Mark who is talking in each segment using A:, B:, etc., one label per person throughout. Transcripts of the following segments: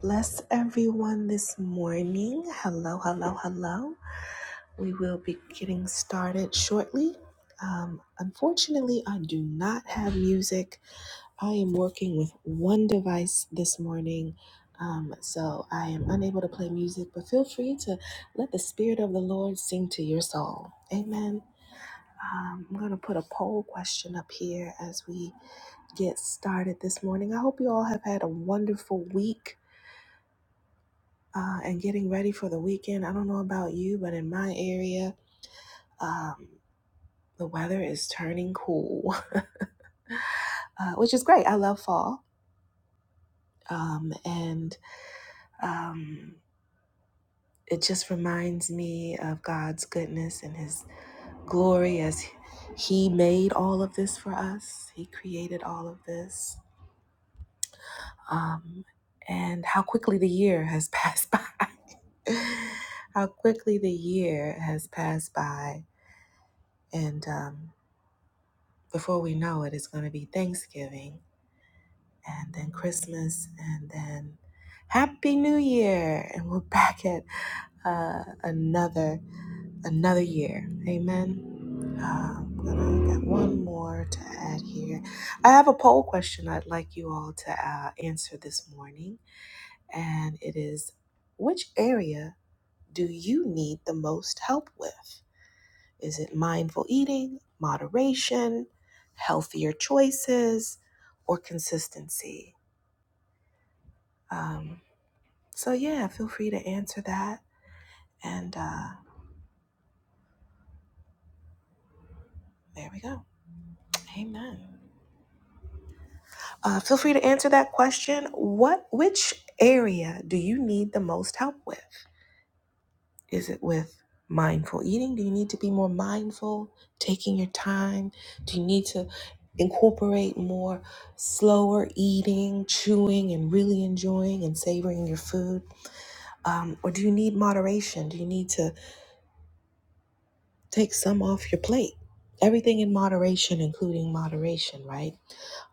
A: Bless everyone this morning. Hello, hello, hello. We will be getting started shortly. Um, unfortunately, I do not have music. I am working with one device this morning, um, so I am unable to play music, but feel free to let the Spirit of the Lord sing to your soul. Amen. Um, I'm going to put a poll question up here as we get started this morning. I hope you all have had a wonderful week. uh, and getting ready for the weekend. I don't know about you, but in my area, um, the weather is turning cool, uh, which is great. I love fall. Um, and um, it just reminds me of God's goodness and His glory as He made all of this for us, He created all of this, um, and how quickly the year has passed by. how quickly the year has passed by. And um, before we know it, it's going to be Thanksgiving and then Christmas and then Happy New Year, and we're back at uh, another another year. Amen. Um, and I got one more to add here. I have a poll question I'd like you all to uh, answer this morning, and it is: Which area do you need the most help with? Is it mindful eating, moderation, healthier choices, or consistency? Um, so, yeah, feel free to answer that. And uh, there we go. Amen. Uh, feel free to answer that question. What, which area do you need the most help with? Is it with mindful eating? Do you need to be more mindful, taking your time? Do you need to incorporate more slower eating, chewing, and really enjoying and savoring your food? Um, or do you need moderation? Do you need to Take some off your plate. Everything in moderation, including moderation, right?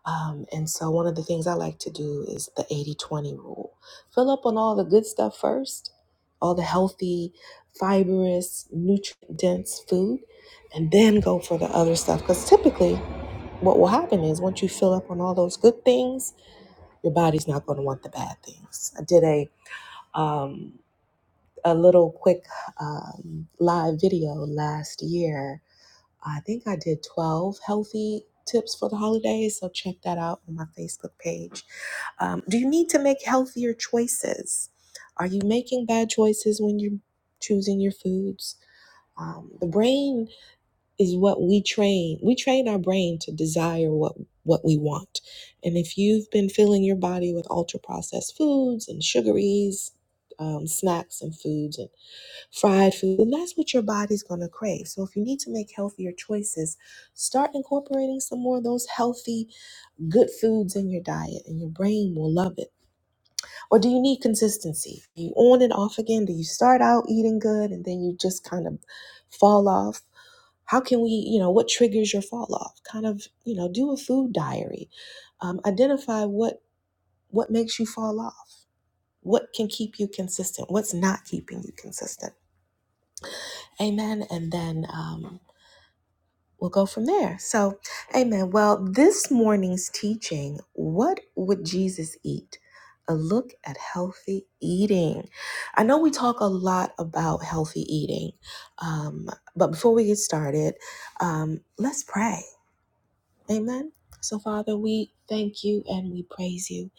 A: Um, and so, one of the things I like to do is the 80 20 rule fill up on all the good stuff first, all the healthy, fibrous, nutrient dense food, and then go for the other stuff. Because typically, what will happen is once you fill up on all those good things, your body's not going to want the bad things. I did a um, a little quick um, live video last year I think I did 12 healthy tips for the holidays. So check that out on my Facebook page. Um, do you need to make healthier choices? Are you making bad choices when you're choosing your foods? Um, the brain is what we train. We train our brain to desire what what we want. And if you've been filling your body with ultra processed foods and sugaries, um, snacks and foods, and fried food, and that's what your body's going to crave. So if you need to make healthier choices, start incorporating some more of those healthy, good foods in your diet, and your brain will love it. Or do you need consistency? Are you on and off again? Do you start out eating good and then you just kind of fall off? How can we, you know, what triggers your fall off? Kind of, you know, do a food diary. Um, identify what what makes you fall off. What can keep you consistent? What's not keeping you consistent? Amen. And then um, we'll go from there. So, amen. Well, this morning's teaching, what would Jesus eat? A look at healthy eating. I know we talk a lot about healthy eating, um, but before we get started, um, let's pray. Amen. So, Father, we thank you and we praise you.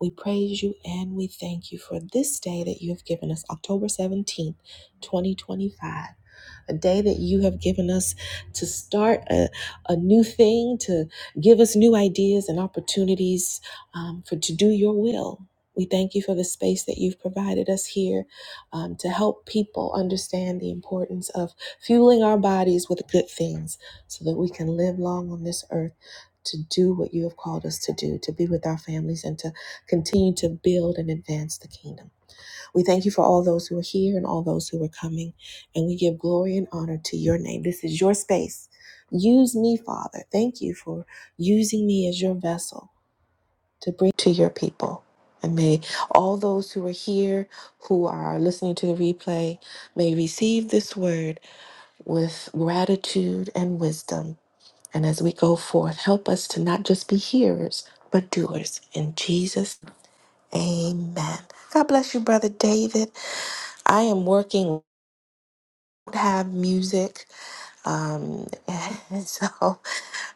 A: We praise you and we thank you for this day that you have given us, October 17th, 2025 a day that you have given us to start a, a new thing, to give us new ideas and opportunities um, for to do your will. We thank you for the space that you've provided us here um, to help people understand the importance of fueling our bodies with good things so that we can live long on this earth to do what you have called us to do, to be with our families and to continue to build and advance the kingdom. We thank you for all those who are here and all those who are coming, and we give glory and honor to your name. This is your space. Use me, Father. Thank you for using me as your vessel to bring to your people. And may all those who are here, who are listening to the replay, may receive this word with gratitude and wisdom. And as we go forth, help us to not just be hearers, but doers. In Jesus, amen. God bless you, Brother David. I am working, have music. Um, and so,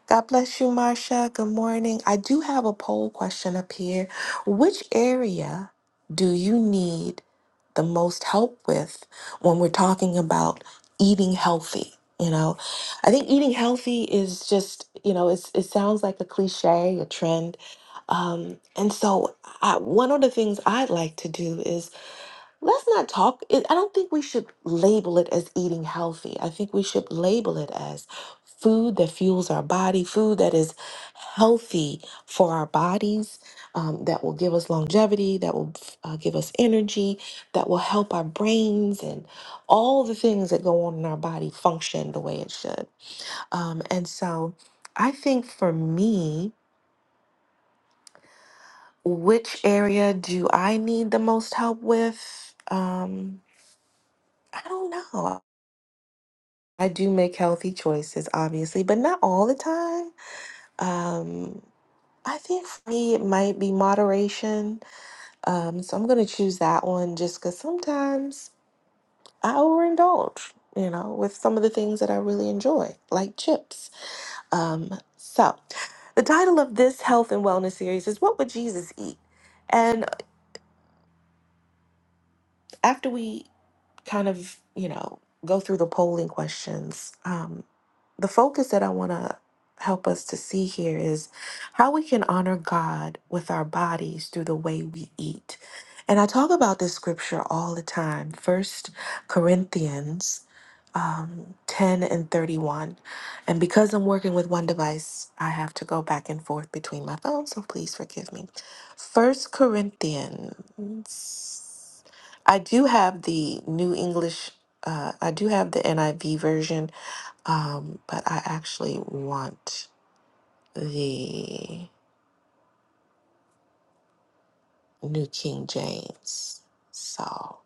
A: God bless you, Marsha. Good morning. I do have a poll question up here. Which area do you need the most help with when we're talking about eating healthy? You know, I think eating healthy is just, you know, it's, it sounds like a cliche, a trend. Um, and so, I, one of the things I'd like to do Let's not talk. It, I don't think we should label it as eating healthy. I think we should label it as food that fuels our body, food that is healthy for our bodies, um, that will give us longevity, that will uh, give us energy, that will help our brains and all the things that go on in our body function the way it should. Um, and so I think for me, which area do I need the most help with? Um, I don't know. I do make healthy choices, obviously, but not all the time. Um, I think for me, it might be moderation. Um, so I'm going to choose that one just because sometimes I overindulge, you know, with some of the things that I really enjoy, like chips. Um, so the title of this health and wellness series is What Would Jesus Eat? And after we kind of, you know, go through the polling questions, um, the focus that I want to help us to see here is how we can honor God with our bodies through the way we eat. And I talk about this scripture all the time. First Corinthians um, 10 and 31. And because I'm working with one device, I have to go back and forth between my phones, so please forgive me. First Corinthians. I do have the New English, uh, I do have the NIV version, um, but I actually want the New King James. So,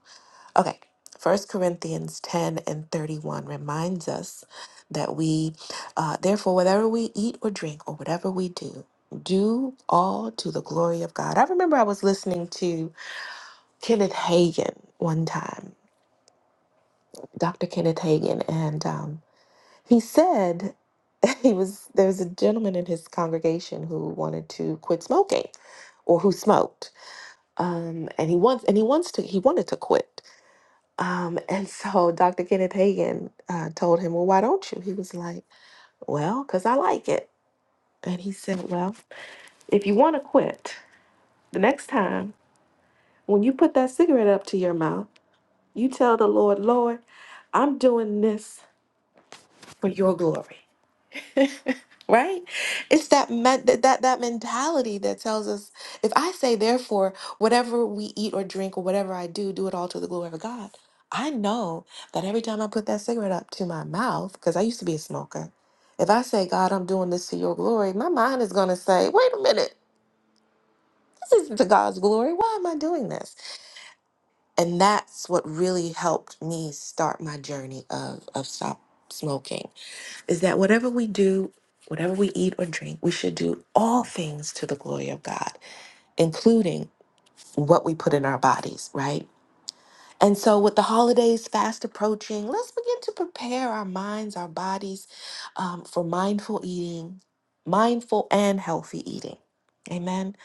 A: okay. First Corinthians 10 and 31 reminds us that we, uh, therefore, whatever we eat or drink or whatever we do, do all to the glory of God. I remember I was listening to Kenneth Hagin one time, Dr. Kenneth Hagin, and um, He said he was there was a gentleman in his congregation who wanted to quit smoking or who smoked. Um, and he wants and he wants to he wanted to quit. Um, and so Dr. Kenneth Hagan uh, told him, "Well, why don't you?" He was like, "Well, cuz I like it." And he said, "Well, if you want to quit, the next time when you put that cigarette up to your mouth, you tell the Lord, "Lord, I'm doing this for your glory." right it's that, me- that that that mentality that tells us if i say therefore whatever we eat or drink or whatever i do do it all to the glory of god i know that every time i put that cigarette up to my mouth because i used to be a smoker if i say god i'm doing this to your glory my mind is going to say wait a minute this isn't to god's glory why am i doing this and that's what really helped me start my journey of of stop smoking is that whatever we do, whatever we eat or drink, we should do all things to the glory of God, including what we put in our bodies, right? And so, with the holidays fast approaching, let's begin to prepare our minds, our bodies um, for mindful eating, mindful and healthy eating. Amen.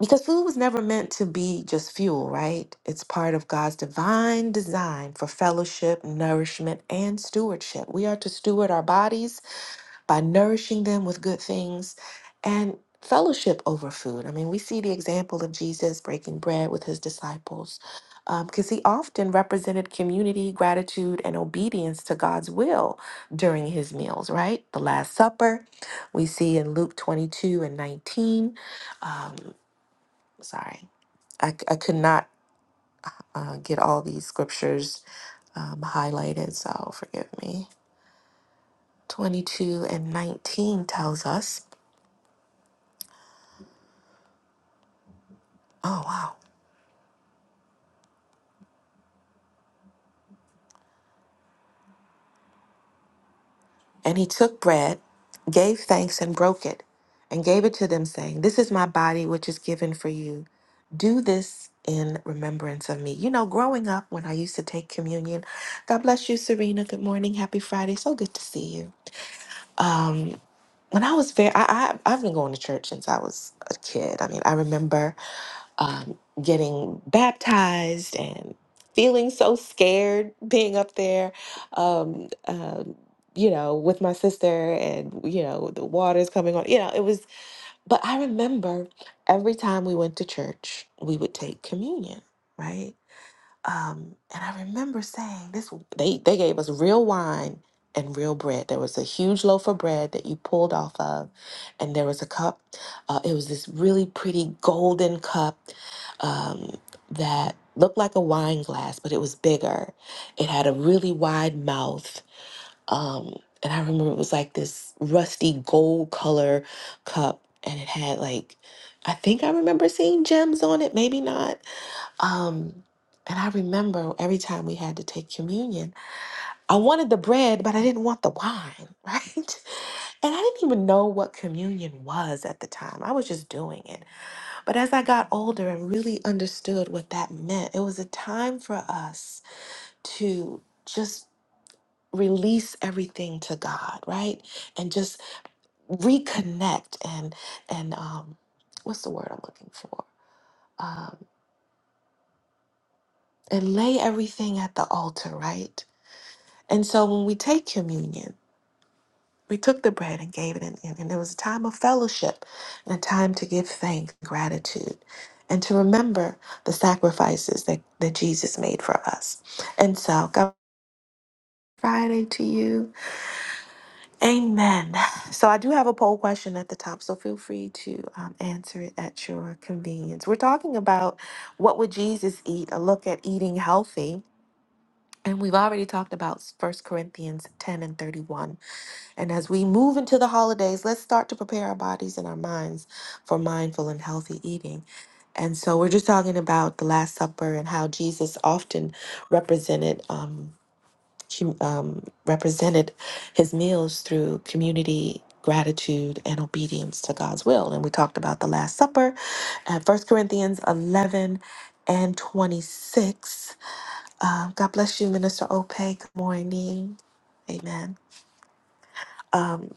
A: Because food was never meant to be just fuel, right? It's part of God's divine design for fellowship, nourishment, and stewardship. We are to steward our bodies by nourishing them with good things and fellowship over food. I mean, we see the example of Jesus breaking bread with his disciples because he often represented community, gratitude, and obedience to God's will during his meals, right? The Last Supper, we see in Luke 22 and 19. Sorry, I I could not uh, get all these scriptures um, highlighted, so forgive me. 22 and 19 tells us, oh, wow. And he took bread, gave thanks, and broke it, and gave it to them, saying, This is my body, which is given for you. Do this in remembrance of me. You know, growing up when I used to take communion, God bless you, Serena. Good morning. Happy Friday. So good to see you. Um, when I was very, I, I, I've been going to church since I was a kid. I mean, I remember um, getting baptized and feeling so scared being up there, um, um, you know, with my sister and, you know, the water's coming on. You know, it was, but I remember every time we went to church, we would take communion, right? Um, and I remember saying this they they gave us real wine and real bread. There was a huge loaf of bread that you pulled off of, and there was a cup. Uh, it was this really pretty golden cup um, that looked like a wine glass, but it was bigger. It had a really wide mouth. Um, and I remember it was like this rusty gold color cup, and it had like, I think I remember seeing gems on it, maybe not um, and I remember every time we had to take communion, I wanted the bread, but I didn't want the wine, right? And I didn't even know what communion was at the time. I was just doing it. But as I got older and really understood what that meant, it was a time for us to just release everything to God, right? And just reconnect and and um what's the word I'm looking for? Um and lay everything at the altar, right? And so when we take communion, we took the bread and gave it, in, and and it was a time of fellowship and a time to give thanks and gratitude and to remember the sacrifices that, that Jesus made for us. And so, God. Friday to you. Amen. So, I do have a poll question at the top, so feel free to um, answer it at your convenience. We're talking about what would Jesus eat, a look at eating healthy. And we've already talked about First Corinthians 10 and 31 And as we move into the holidays, let's start to prepare our bodies and our minds for mindful and healthy eating. And so we're just talking about the Last Supper and how Jesus often represented um, hum- um, represented his meals through community, gratitude, and obedience to God's will. And we talked about the Last Supper at First Corinthians 11 and 26. Uh, God bless you, Minister Ope. Good morning. Amen. Um,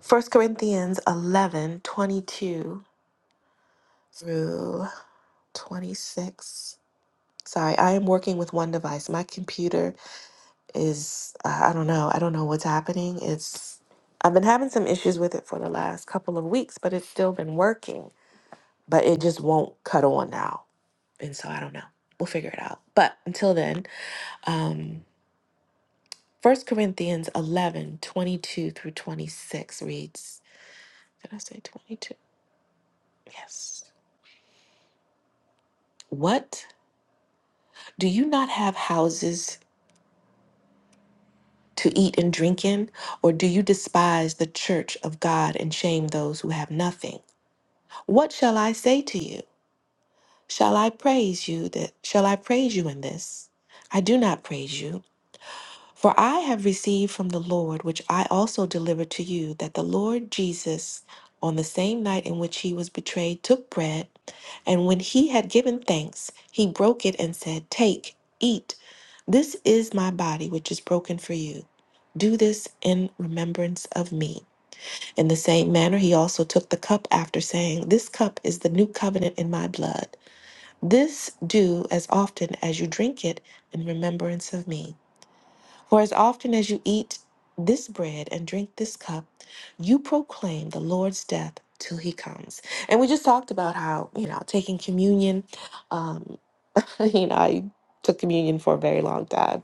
A: First Corinthians 11 22 through 26. Sorry, I am working with one device. My computer is, uh, I don't know, I don't know what's happening. It's, I've been having some issues with it for the last couple of weeks, but it's still been working, but it just won't cut on now. And so I don't know. We'll figure it out. But until then, um, 1 Corinthians 11 22 through 26 reads, did I say 22? Yes. What? Do you not have houses to eat and drink in? Or do you despise the church of God and shame those who have nothing? What shall I say to you? Shall I praise you that shall I praise you in this? I do not praise you. For I have received from the Lord, which I also delivered to you, that the Lord Jesus, on the same night in which he was betrayed, took bread, and when he had given thanks, he broke it and said, Take, eat. This is my body, which is broken for you. Do this in remembrance of me. In the same manner, he also took the cup after saying, This cup is the new covenant in my blood. This do as often as you drink it in remembrance of me. For as often as you eat this bread and drink this cup, you proclaim the Lord's death till he comes. And we just talked about how, you know, taking communion, um, you know, I took communion for a very long time.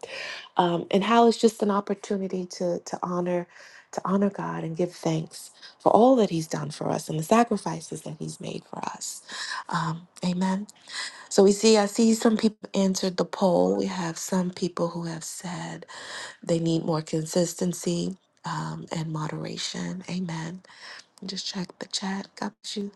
A: Um, and how it's just an opportunity to to honor to honor God and give thanks for all that he's done for us and the sacrifices that he's made for us. Um, amen. So we see I see some people answered the poll. We have some people who have said they need more consistency um, and moderation. Amen. Just check the chat. God bless you.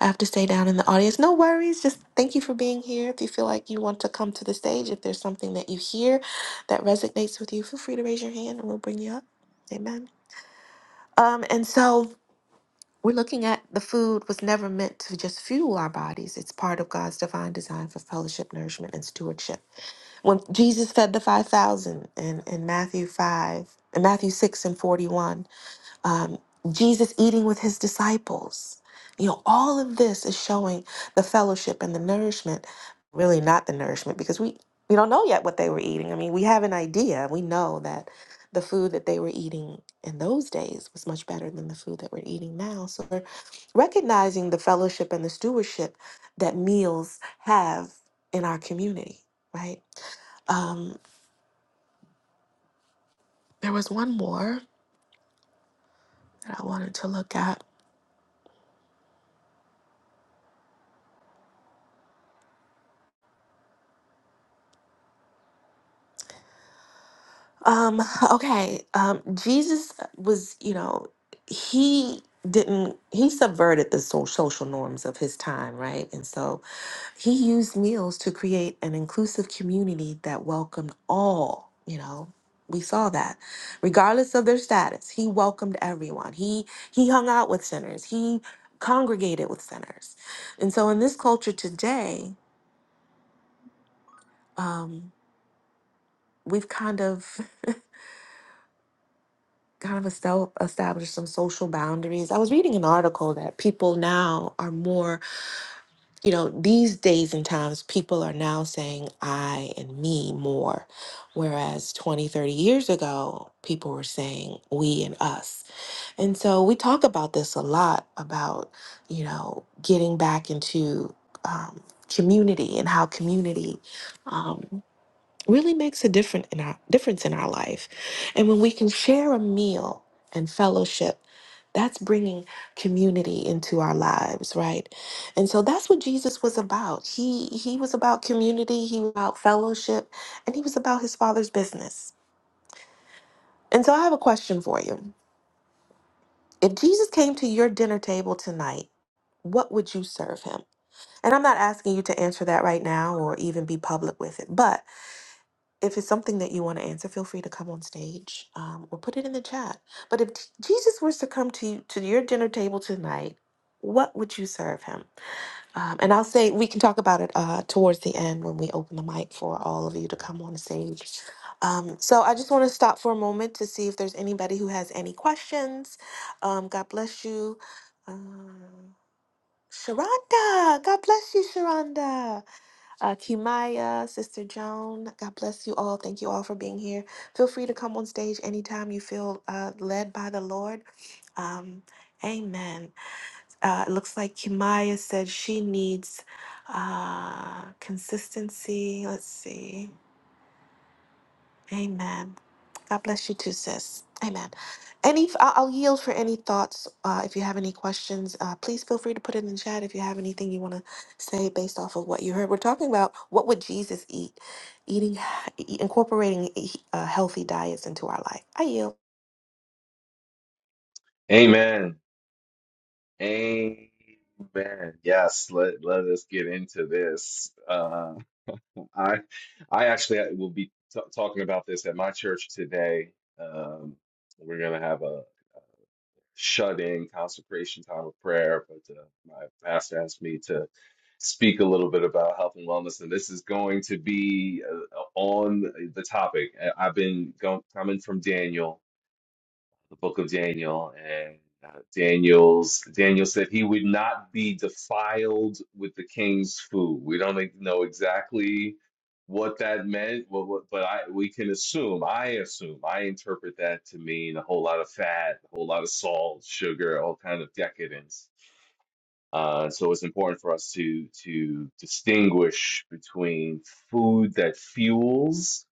A: I have to stay down in the audience. No worries. Just thank you for being here. If you feel like you want to come to the stage, if there's something that you hear that resonates with you, feel free to raise your hand and we'll bring you up. Amen. Um, and so we're looking at the food was never meant to just fuel our bodies. It's part of God's divine design for fellowship, nourishment, and stewardship. When Jesus fed the 5,000 in, in Matthew 5, in Matthew 6 and 41, um, Jesus eating with his disciples. You know, all of this is showing the fellowship and the nourishment, really not the nourishment, because we, we don't know yet what they were eating. I mean, we have an idea. We know that the food that they were eating in those days was much better than the food that we're eating now. So we're recognizing the fellowship and the stewardship that meals have in our community, right? Um, there was one more that I wanted to look at. Um, okay. Um, Jesus was, you know, he didn't, he subverted the so- social norms of his time, right? And so he used meals to create an inclusive community that welcomed all, you know. We saw that. Regardless of their status, he welcomed everyone. He he hung out with sinners. He congregated with sinners. And so in this culture today, um, we've kind of kind of estel- establish some social boundaries. I was reading an article that people now are more, you know, these days and times, people are now saying I and me more. Whereas 20, 30 years ago, people were saying we and us. And so we talk about this a lot about, you know, getting back into um, community and how community. um, really makes a different in our difference in our life. And when we can share a meal and fellowship, that's bringing community into our lives, right? And so that's what Jesus was about. He he was about community, he was about fellowship, and he was about his father's business. And so I have a question for you. If Jesus came to your dinner table tonight, what would you serve him? And I'm not asking you to answer that right now or even be public with it, but if it's something that you want to answer, feel free to come on stage um, or put it in the chat. But if Jesus was to come to you, to your dinner table tonight, what would you serve him? Um, and I'll say we can talk about it uh, towards the end when we open the mic for all of you to come on stage. Um, so I just want to stop for a moment to see if there's anybody who has any questions. Um, God bless you, uh, Sharonda. God bless you, Sharonda uh, Kimaya, Sister Joan. God bless you all. Thank you all for being here. Feel free to come on stage anytime you feel uh, led by the Lord. Um, amen. Uh, it looks like Kimaya said she needs uh, consistency. Let's see. Amen. God bless you too, sis. Amen. Any, I- I'll yield for any thoughts. Uh, if you have any questions, uh, please feel free to put it in the chat. If you have anything you want to say based off of what you heard, we're talking about what would Jesus eat, eating, e- incorporating e- uh, healthy diets into our life. I yield.
B: Amen. Amen. Yes, let let us get into this. Uh, I I actually will be t talking about this at my church today. Um, we're gonna have a shut-in consecration time of prayer, but uh, my pastor asked me to speak a little bit about health and wellness, and this is going to be uh, on the topic. I- I've been going, coming from Daniel. the book of Daniel, and uh, Daniel's Daniel said he would not be defiled with the king's food. We don't like know exactly what that meant, what, what, but I we can assume. I assume I interpret that to mean a whole lot of fat, a whole lot of salt, sugar, all kind of decadence. Uh, so it's important for us to to distinguish between food that fuels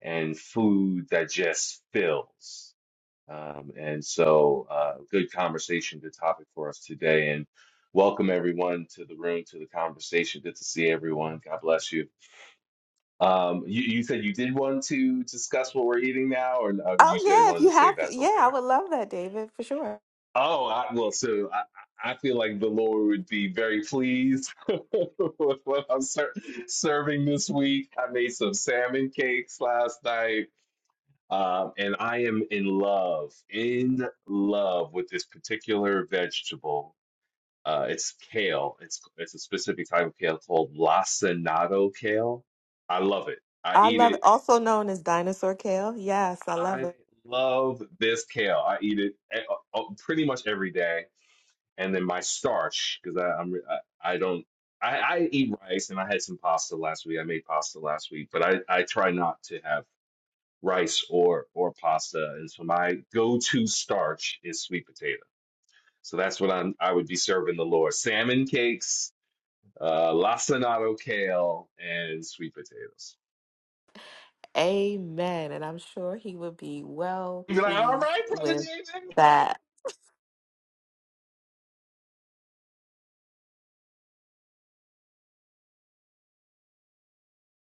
B: and food that just fills um, and so, uh, good conversation, good topic for us today. And welcome everyone to the room, to the conversation. Good to see everyone. God bless you. Um, you, you said you did want to discuss what we're eating now, or uh, you
A: Oh
B: said you
A: yeah, if
B: wanted to
A: you have,
B: save that till
A: yeah, I
B: later.
A: would love that, David, for sure.
B: Oh, I, well, so I, I I feel like the Lord would be very pleased with what I'm ser serving this week. I made some salmon cakes last night Um, and I am in love, in love with this particular vegetable. Uh, it's kale. It's it's a specific type of kale called lacinato kale. I love it. I
A: I
B: eat
A: love
B: it.
A: it. Also known as dinosaur kale. Yes, I love
B: I
A: it.
B: love this kale. I eat it e- uh, uh, pretty much every day. And then my starch, because I, I'm I, I don't I, I eat rice and I had some pasta last week. I made pasta last week, but I I try not to have rice or or pasta and so my go-to starch is sweet potato. So that's what I'm I would be serving the Lord. Salmon cakes, uh lacinato kale, and sweet potatoes.
A: Amen. And I'm sure he would be well
B: You'd be like, all
A: pleased
B: right, brother
A: with
B: David.
A: that.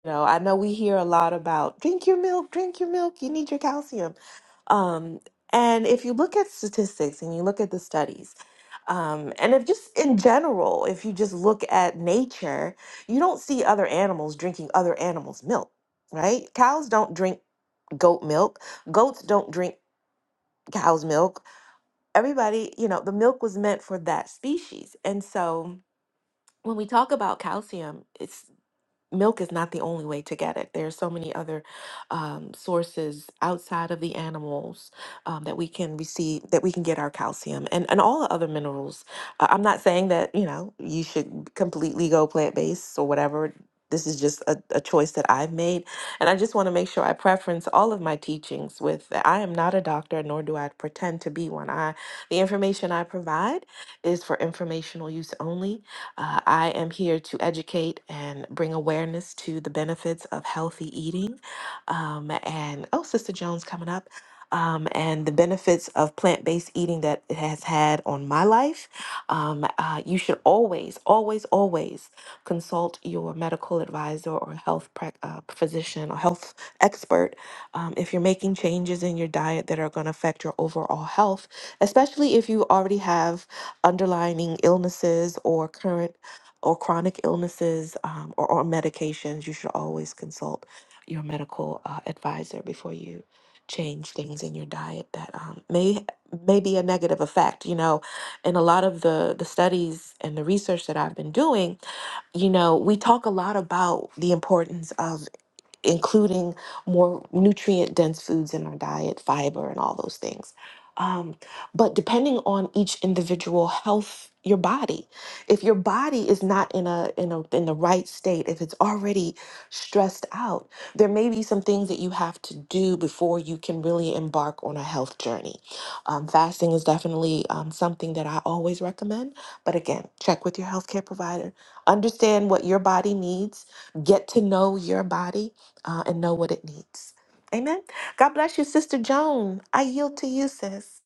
A: You know, I know we hear a lot about drink your milk, drink your milk, you need your calcium. Um, and if you look at statistics and you look at the studies, um, and if just in general, if you just look at nature, you don't see other animals drinking other animals' milk, right? Cows don't drink goat milk, goats don't drink cow's milk. Everybody, you know, the milk was meant for that species. And so when we talk about calcium, it's milk is not the only way to get it. There are so many other um, sources outside of the animals um, that we can receive, that we can get our calcium and, and all the other minerals. Uh, I'm not saying that, you know, you should completely go plant based or whatever. This is just a, a choice that I've made. And I just want to make sure I preference all of my teachings with I am not a doctor, nor do I pretend to be one. I the information I provide is for informational use only uh, I am here to educate and bring awareness to the benefits of healthy eating. Um, and oh, Sister Jones coming up. Um, and the benefits of plant based eating that it has had on my life. Um, uh, you should always, always, always consult your medical advisor or health prac uh, physician or health expert um, if you're making changes in your diet that are going to affect your overall health, especially if you already have underlying illnesses or current or chronic illnesses um, or, or medications, you should always consult your medical uh, advisor before you change things in your diet that um, may may be a negative effect. You know, in a lot of the the studies and the research that I've been doing, you know, we talk a lot about the importance of including more nutrient dense foods in our diet, fiber, and all those things. Um, but depending on each individual health, your body, if your body is not in a in a in the right state, if it's already stressed out, there may be some things that you have to do before you can really embark on a health journey. Um, fasting is definitely um, something that I always recommend. But again, check with your healthcare provider, understand what your body needs, get to know your body, uh, and know what it needs. Amen. God bless you, Sister Joan. I yield to you, sis.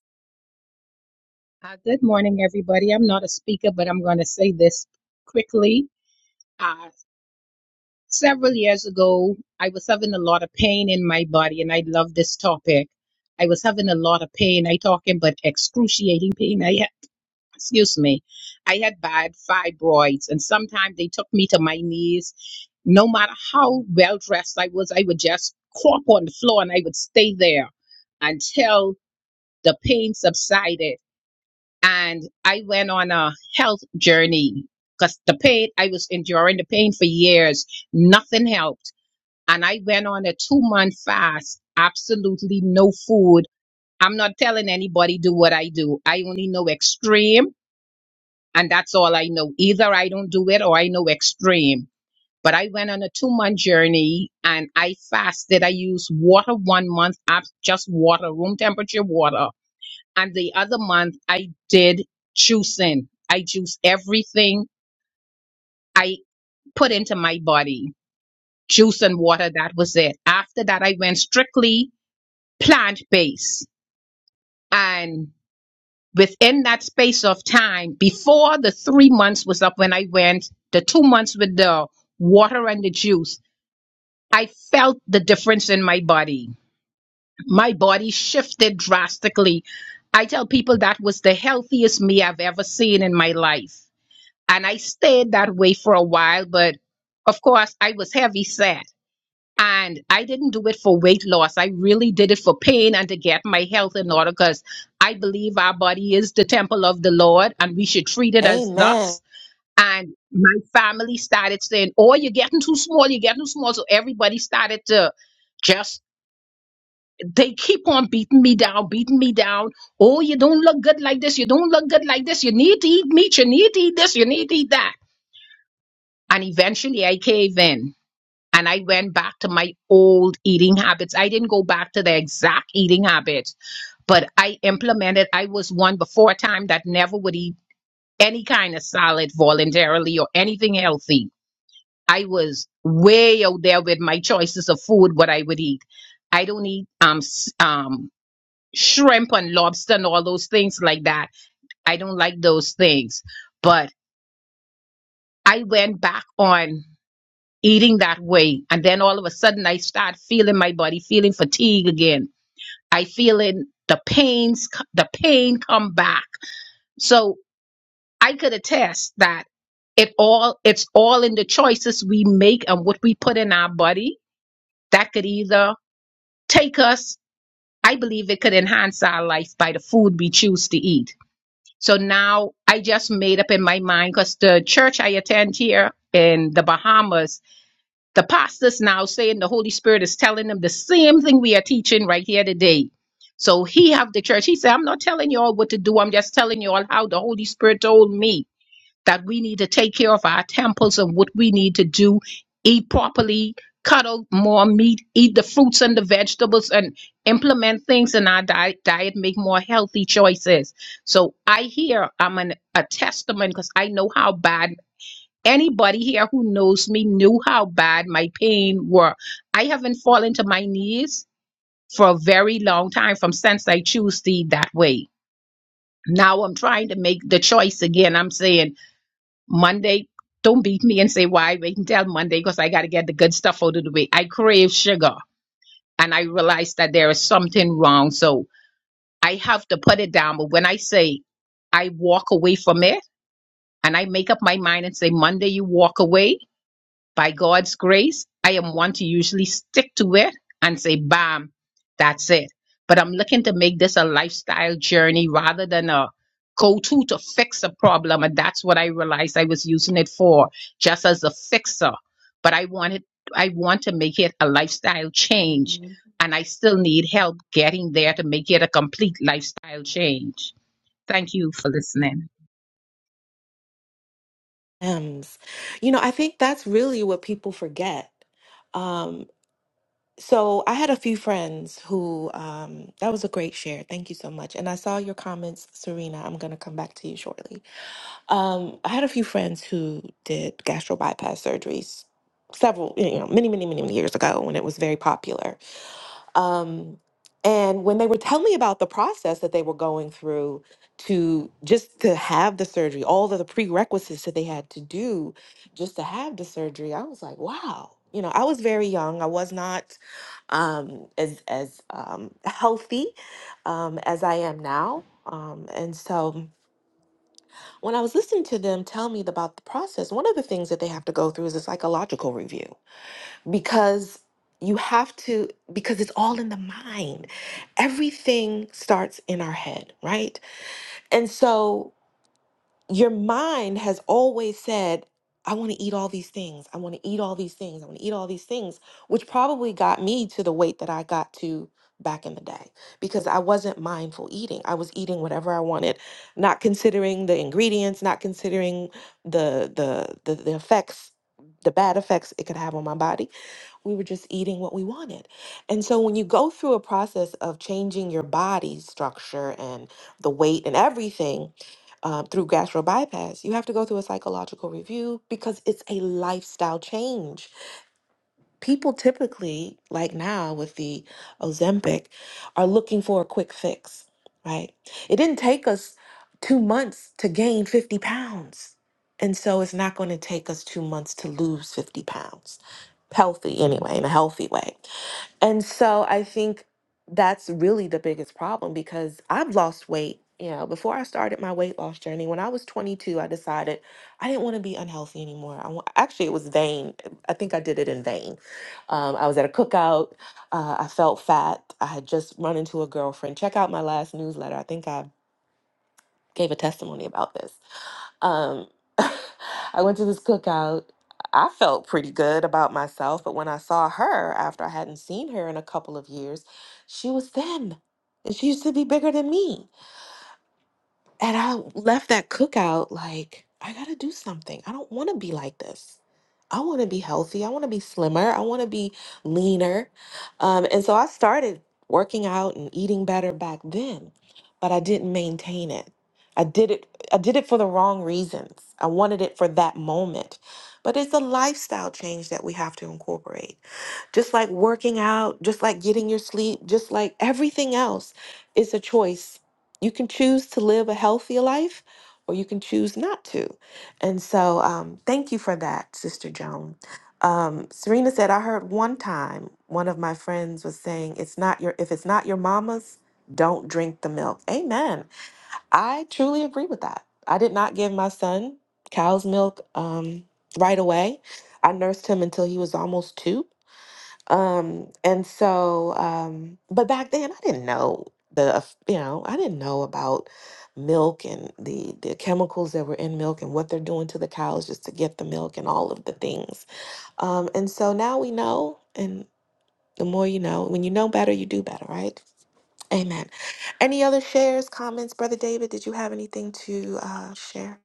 C: Uh, good morning, everybody. I'm not a speaker, but I'm going to say this quickly. Uh, several years ago, I was having a lot of pain in my body, and I love this topic. I was having a lot of pain. I talking but excruciating pain. I had, excuse me. I had bad fibroids, and sometimes they took me to my knees. No matter how well dressed I was, I would just crop on the floor and I would stay there until the pain subsided and I went on a health journey because the pain I was enduring the pain for years, nothing helped, and I went on a two month fast, absolutely no food. I'm not telling anybody do what I do. I only know extreme, and that's all I know. Either I don't do it or I know extreme. But I went on a two month journey and I fasted. I used water one month, ab- just water, room temperature water and the other month, I did juicing. I juiced everything I put into my body. Juice and water, that was it. After that, I went strictly plant based. And within that space of time, before the three months was up, when I went the two months with the water and the juice, I felt the difference in my body. My body shifted drastically. I tell people that was the healthiest me I've ever seen in my life and I stayed that way for a while, but of course I was heavy set and I didn't do it for weight loss. I really did it for pain and to get my health in order because I believe our body is the temple of the Lord and we should treat it as
A: Amen.
C: thus. And my family started saying, Oh, you're getting too small, you're getting too small. So everybody started to just they keep on beating me down, beating me down. Oh, you don't look good like this. You don't look good like this. You need to eat meat. You need to eat this. You need to eat that and eventually I caved in and I went back to my old eating habits. I didn't go back to the exact eating habits, but I implemented, I was one before time that never would eat any kind of salad voluntarily or anything healthy. I was way out there with my choices of food, what I would eat. I don't eat um, s- um, shrimp and lobster and all those things like that. I don't like those things. But I went back on eating that way. And then all of a sudden I start feeling my body feeling fatigue again. I feeling the pains, the pain come back. So I could attest that it all, it's all in the choices we make and what we put in our body that could either take us, I believe it could enhance our life by the food we choose to eat. So now I just made up in my mind because the church I attend here in the Bahamas The pastor's now saying the Holy Spirit is telling them the same thing we are teaching right here today. So he have the church. He said, I'm not telling you all what to do. I'm just telling you all how the Holy Spirit told me that we need to take care of our temples and what we need to do, eat properly, cut out more meat, eat the fruits and the vegetables and implement things in our diet, diet make more healthy choices. So I hear I'm an, a testament because I know how bad Anybody here who knows me knew how bad my pain were. I haven't fallen to my knees for a very long time from since I choose to eat that way. Now I'm trying to make the choice again. I'm saying Monday, don't beat me and say why wait until Monday because I got to get the good stuff out of the way. I crave sugar and I realize that there is something wrong. So I have to put it down. But when I say I walk away from it and I make up my mind and say Monday you walk away, By God's grace, I am one to usually stick to it and say, bam, that's it. But I'm looking to make this a lifestyle journey rather than a go to to fix a problem. And that's what I realized I was using it for, just as a fixer. But I wanted, I want to make it a lifestyle change. And I still need help getting there to make it a complete lifestyle change. Thank you for listening.
A: M's. You know, I think that's really what people forget. Um, So I had a few friends who, um, that was a great share. Thank you so much. And I saw your comments, Serena. I'm going to come back to you shortly. Um, I had a few friends who did gastro bypass surgeries several, you know, many, many, many, many years ago when it was very popular. Um, and when they were telling me about the process that they were going through to just to have the surgery, all of the prerequisites that they had to do just to have the surgery, I was like, wow. You know, I was very young. I was not um, as as um, healthy um, as I am now. Um, and so when I was listening to them tell me about the process, one of the things that they have to go through is a psychological review because you have to because it's all in the mind everything starts in our head right and so your mind has always said i want to eat all these things i want to eat all these things i want to eat all these things which probably got me to the weight that i got to back in the day because i wasn't mindful eating i was eating whatever i wanted not considering the ingredients not considering the the the, the effects the bad effects it could have on my body we were just eating what we wanted. And so when you go through a process of changing your body structure and the weight and everything um, through gastro bypass, you have to go through a psychological review because it's a lifestyle change. People typically, like now with the Ozempic, are looking for a quick fix, right? It didn't take us two months to gain 50 pounds. And so it's not going to take us two months to lose 50 pounds healthy anyway, in a healthy way. And so I think that's really the biggest problem because I've lost weight. You know, before I started my weight loss journey, when I was 22, I decided I didn't want to be unhealthy anymore. I wa- actually, it was vain. I think I did it in vain. Um, I was at a cookout. Uh, I felt fat. I had just run into a girlfriend. Check out my last newsletter. I think I gave a testimony about this. Um, I went to this cookout. I felt pretty good about myself, but when I saw her after I hadn't seen her in a couple of years, she was thin. And she used to be bigger than me. And I left that cookout like, I gotta do something. I don't wanna be like this. I wanna be healthy. I wanna be slimmer. I wanna be leaner. Um, and so I started working out and eating better back then, but I didn't maintain it. I did it I did it for the wrong reasons. I wanted it for that moment. But it's a lifestyle change that we have to incorporate. Just like working out, just like getting your sleep, just like everything else, it's a choice you can choose to live a healthier life or you can choose not to. And so, um, thank you for that, Sister Joan. Um, Serena said, I heard one time one of my friends was saying, "It's not your if it's not your mama's, don't drink the milk." Amen. I truly agree with that. I did not give my son cow's milk um, right away. I nursed him until he was almost two um, and so, um, but back then I didn't know the, eff- you know, I didn't know about milk and the the chemicals that were in milk and what they're doing to the cows just to get the milk and all of the things. Um, and so now we know, and the more you know, when you know better, you do better, right? Amen. Any other shares, comments, Brother David? Did you have anything to uh, share?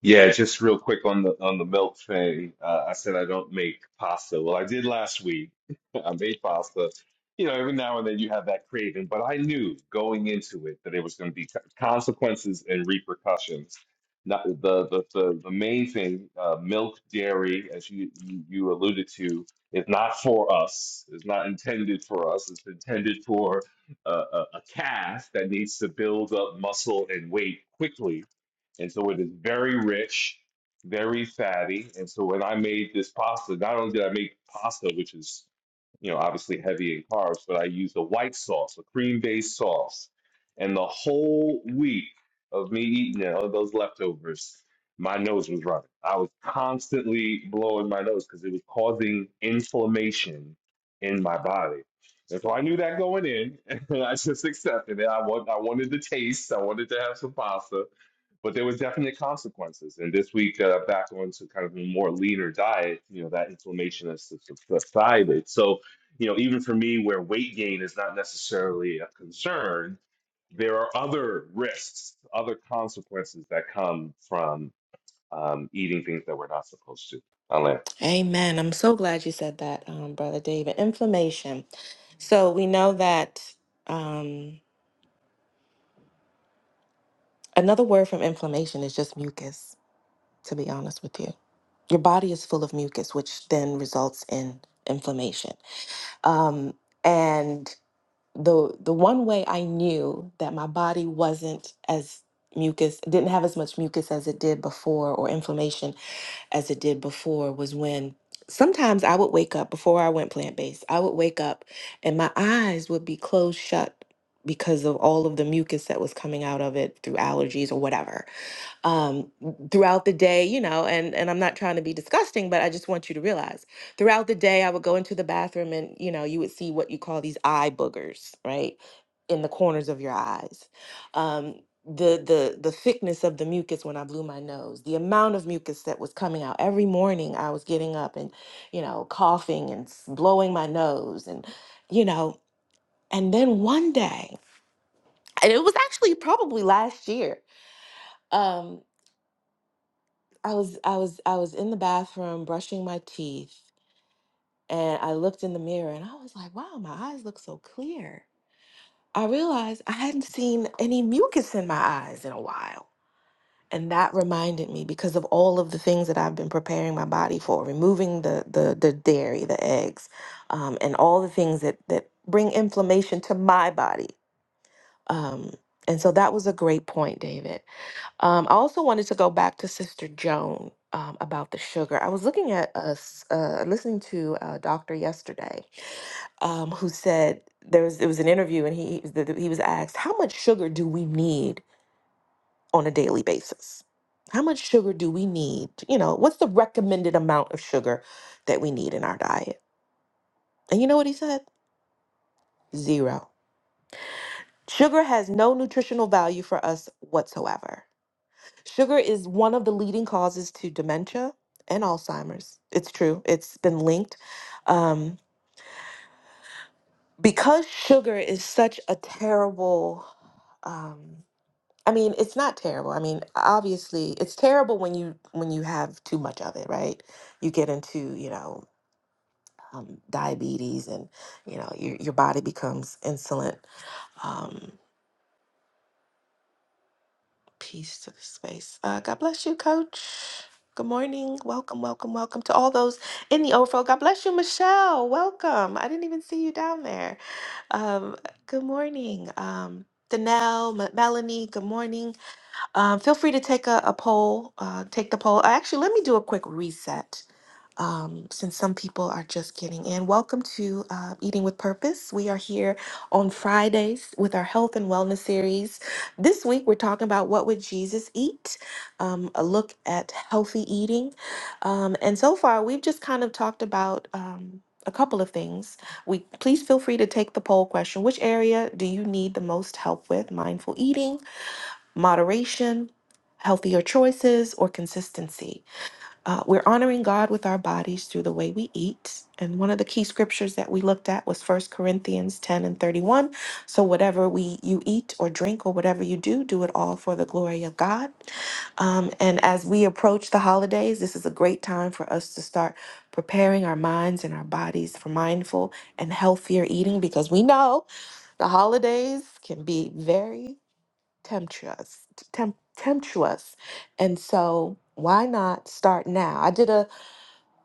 B: Yeah, just real quick on the on the milk thing. Uh, I said I don't make pasta. Well, I did last week. I made pasta. You know, every now and then you have that craving, but I knew going into it that it was going to be co- consequences and repercussions. Not the the the, the main thing. Uh, milk, dairy, as you, you you alluded to, is not for us. It's not intended for us. It's intended for uh, a, a calf that needs to build up muscle and weight quickly and so it is very rich, very fatty. And so when I made this pasta, not only did I make pasta, which is, you know, obviously heavy in carbs, but I used a white sauce, a cream-based sauce. And the whole week of me eating it, all those leftovers, my nose was running. I was constantly blowing my nose because it was causing inflammation in my body. And so I knew that going in, and I just accepted it. I want, I wanted the taste. I wanted to have some pasta, but there was definite consequences. And this week, uh, back onto kind of a more leaner diet, you know, that inflammation has sus- subsided. So, you know, even for me, where weight gain is not necessarily a concern, there are other risks, other consequences that come from um, eating things that we're not supposed to.
A: Amen. I'm so glad you said that, um, Brother David. Inflammation. So we know that. Um, Another word from inflammation is just mucus, to be honest with you. Your body is full of mucus, which then results in inflammation. Um, and the the one way I knew that my body wasn't as mucus didn't have as much mucus as it did before or inflammation as it did before was when sometimes I would wake up before I went plant-based, I would wake up and my eyes would be closed shut because of all of the mucus that was coming out of it through allergies or whatever um, throughout the day, you know, and and I'm not trying to be disgusting, but I just want you to realize throughout the day, I would go into the bathroom and you know, you would see what you call these eye boogers, right, in the corners of your eyes. Um, the the the thickness of the mucus when I blew my nose, the amount of mucus that was coming out every morning. I was getting up and you know, coughing and s- blowing my nose, and you know, and then one day, and it was actually probably last year. um, I was I was I was in the bathroom brushing my teeth and I looked in the mirror and I was like, wow, my eyes look so clear. I realized I hadn't seen any mucus in my eyes in a while. And that reminded me because of all of the things that I've been preparing my body for, removing the the, the dairy, the eggs, um, and all the things that that bring inflammation to my body. Um, and so that was a great point, David. Um, I also wanted to go back to Sister Joan um, about the sugar. I was looking at us, uh, listening to a doctor yesterday um, who said there was it was an interview and he th- th- he was asked how much sugar do we need on a daily basis? How much sugar do we need? You know, what's the recommended amount of sugar that we need in our diet? And you know what he said? Zero. Sugar has no nutritional value for us whatsoever. Sugar is one of the leading causes to dementia and Alzheimer's. It's true, it's been linked. Um, because sugar is such a terrible, um, I mean, it's not terrible. I mean, obviously, it's terrible when you when you have too much of it, right? You get into, you know, um, diabetes, and you know your your body becomes insulin. um, Peace to the space. Uh, God bless you, Coach. Good morning. Welcome, welcome, welcome to all those in the overflow. God bless you, Michelle. Welcome. I didn't even see you down there. Um, good morning, um, Danelle, M- Melanie. Good morning. Um, feel free to take a, a poll, uh, take the poll. Uh, Actually, let me do a quick reset um, since some people are just getting in. Welcome to uh, Eating with Purpose. We are here on Fridays with our health and wellness series. This week, we're talking about what would Jesus eat, um, a look at healthy eating. Um, and so far, we've just kind of talked about. Um, a couple of things. We please feel free to take the poll question. Which area do you need the most help with? Mindful eating, moderation, healthier choices, or consistency. Uh, we're honoring God with our bodies through the way we eat. And one of the key scriptures that we looked at was First Corinthians 10 and 31. So whatever we you eat or drink or whatever you do, do it all for the glory of God. Um, and as we approach the holidays, this is a great time for us to start preparing our minds and our bodies for mindful and healthier eating because we know the holidays can be very temptuous, temp- temptuous. And so why not start now? I did a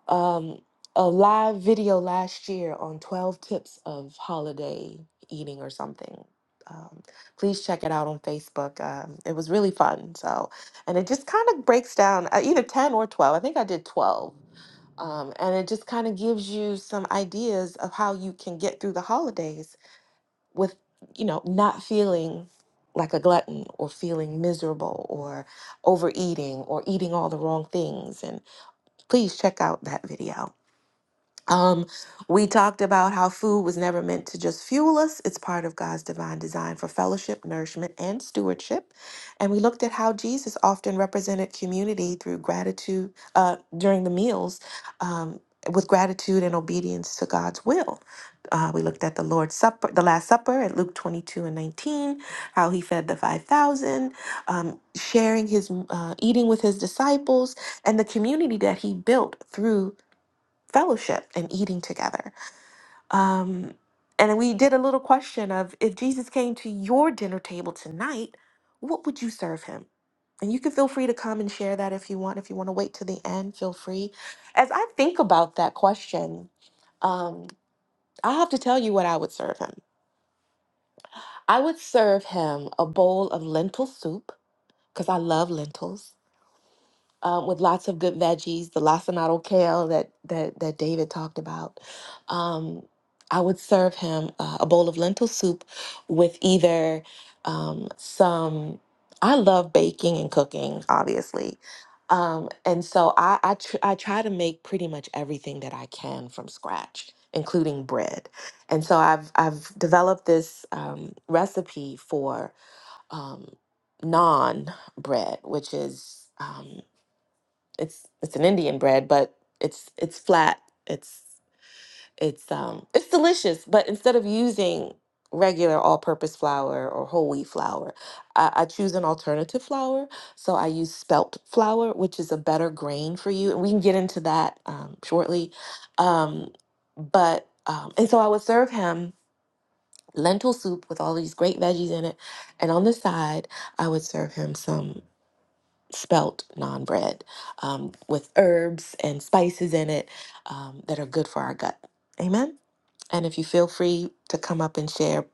A: um a live video last year on 12 tips of holiday eating or something. Um, please check it out on Facebook. Um, it was really fun. So, and it just kind of breaks down uh, either 10 or 12. I think I did 12. Um, and it just kind of gives you some ideas of how you can get through the holidays with you know not feeling like a glutton or feeling miserable or overeating or eating all the wrong things and please check out that video um, we talked about how food was never meant to just fuel us. It's part of God's divine design for fellowship, nourishment, and stewardship. And we looked at how Jesus often represented community through gratitude uh, during the meals um, with gratitude and obedience to God's will. Uh, we looked at the Lord's Supper, the Last Supper at Luke 22 and 19, how he fed the 5,000, um, sharing his, uh, eating with his disciples, and the community that he built through fellowship and eating together. Um, and we did a little question of if Jesus came to your dinner table tonight, what would you serve him? And you can feel free to come and share that if you want. If you want to wait to the end, feel free. As I think about that question, um, I have to tell you what I would serve him. I would serve him a bowl of lentil soup because I love lentils uh, with lots of good veggies, the lacinato kale that that that David talked about. Um, I would serve him uh, a bowl of lentil soup with either um, some. I love baking and cooking, obviously, um, and so I I, tr- I try to make pretty much everything that I can from scratch, including bread. And so I've I've developed this um, recipe for um, naan bread, which is. Um, it's it's an Indian bread, but it's it's flat. It's it's um it's delicious, but instead of using regular all-purpose flour or whole wheat flour, I, I choose an alternative flour. So I use spelt flour, which is a better grain for you, and we can get into that um, shortly. Um, but um, and so I would serve him lentil soup with all these great veggies in it, and on the side I would serve him some spelt naan bread um, with herbs and spices in it um, that are good for our gut. Amen. And if you feel free to come up and share,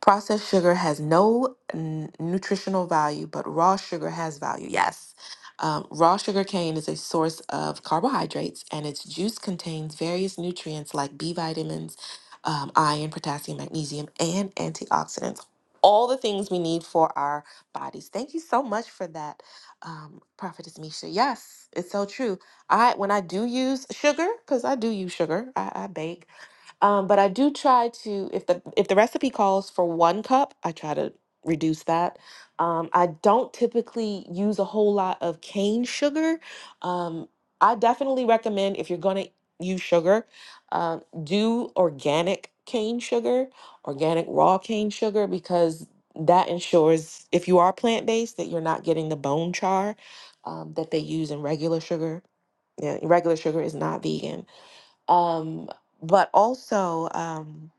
A: Processed sugar has no n- nutritional value, but raw sugar has value. Yes. Um, raw sugar cane is a source of carbohydrates, and its juice contains various nutrients like B vitamins, um, iron, potassium, magnesium, and antioxidants. All the things we need for our bodies. Thank you so much for that, um, Prophetess Misha. Yes, it's so true. I when I do use sugar, because I do use sugar, I, I bake. Um, but I do try to if the if the recipe calls for one cup, I try to reduce that. Um, I don't typically use a whole lot of cane sugar. Um, I definitely recommend if you're going to use sugar, uh, do organic cane sugar, organic raw cane sugar, because that ensures if you are plant based that you're not getting the bone char um, that they use in regular sugar. Yeah, regular sugar is not vegan um, but also um,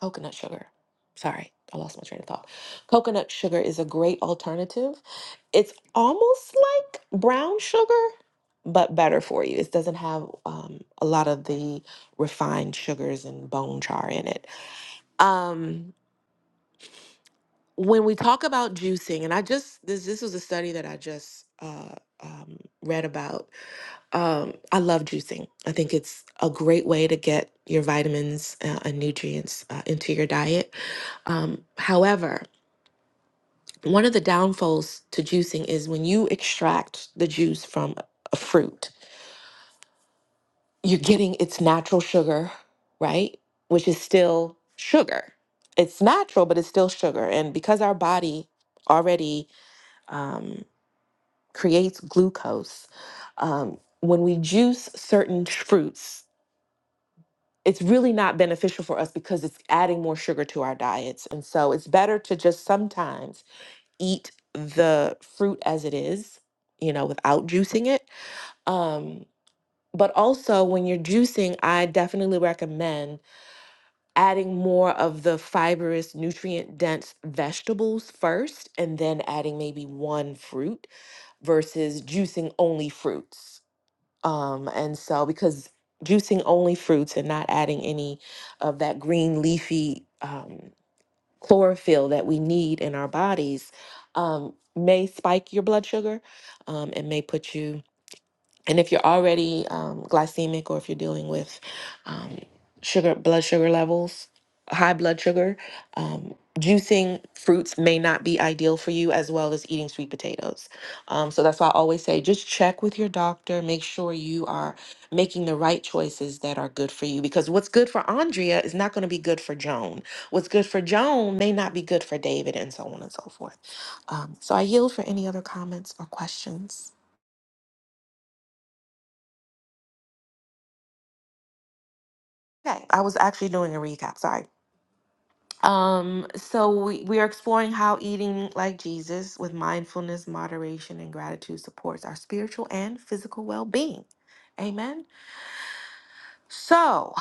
A: coconut sugar. Sorry, I lost my train of thought. Coconut sugar is a great alternative. It's almost like brown sugar, but better for you. It doesn't have um, a lot of the refined sugars and bone char in it. Um, when we talk about juicing, and I just this this was a study that I just uh, um, read about Um, I love juicing. I think it's a great way to get your vitamins uh, and nutrients uh, into your diet. Um, however, one of the downfalls to juicing is when you extract the juice from a fruit, you're getting its natural sugar, right? Which is still sugar. It's natural, but it's still sugar. And because our body already um, creates glucose, um, when we juice certain fruits, it's really not beneficial for us because it's adding more sugar to our diets. And so it's better to just sometimes eat the fruit as it is, you know, without juicing it. Um, but also, when you're juicing, I definitely recommend adding more of the fibrous, nutrient dense vegetables first, and then adding maybe one fruit versus juicing only fruits um, and so because juicing only fruits and not adding any of that green leafy um, chlorophyll that we need in our bodies um, may spike your blood sugar um, and may put you and if you're already um, glycemic or if you're dealing with um, sugar, blood sugar levels, high blood sugar, um, juicing fruits may not be ideal for you as well as eating sweet potatoes. Um, so that's why I always say just check with your doctor, make sure you are making the right choices that are good for you because what's good for Andrea is not going to be good for Joan. What's good for Joan may not be good for David and so on and so forth. Um, so I yield for any other comments or questions. Okay, I was actually doing a recap, sorry. Um, so we, we are exploring how eating like Jesus with mindfulness, moderation, and gratitude supports our spiritual and physical well-being. Amen. So,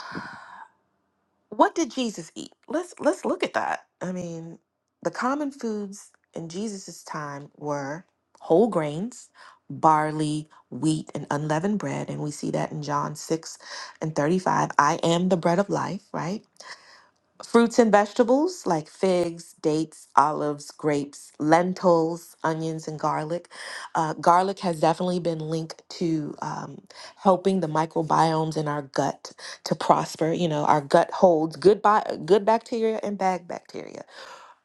A: what did Jesus eat? Let's let's look at that. I mean, the common foods in Jesus' time were whole grains, barley, wheat, and unleavened bread, and we see that in John 6 and 35. I am the bread of life, right? fruits and vegetables like figs, dates, olives, grapes, lentils, onions, and garlic. Uh, garlic has definitely been linked to um, helping the microbiomes in our gut to prosper. You know, our gut holds good, bi- good bacteria and bad bacteria.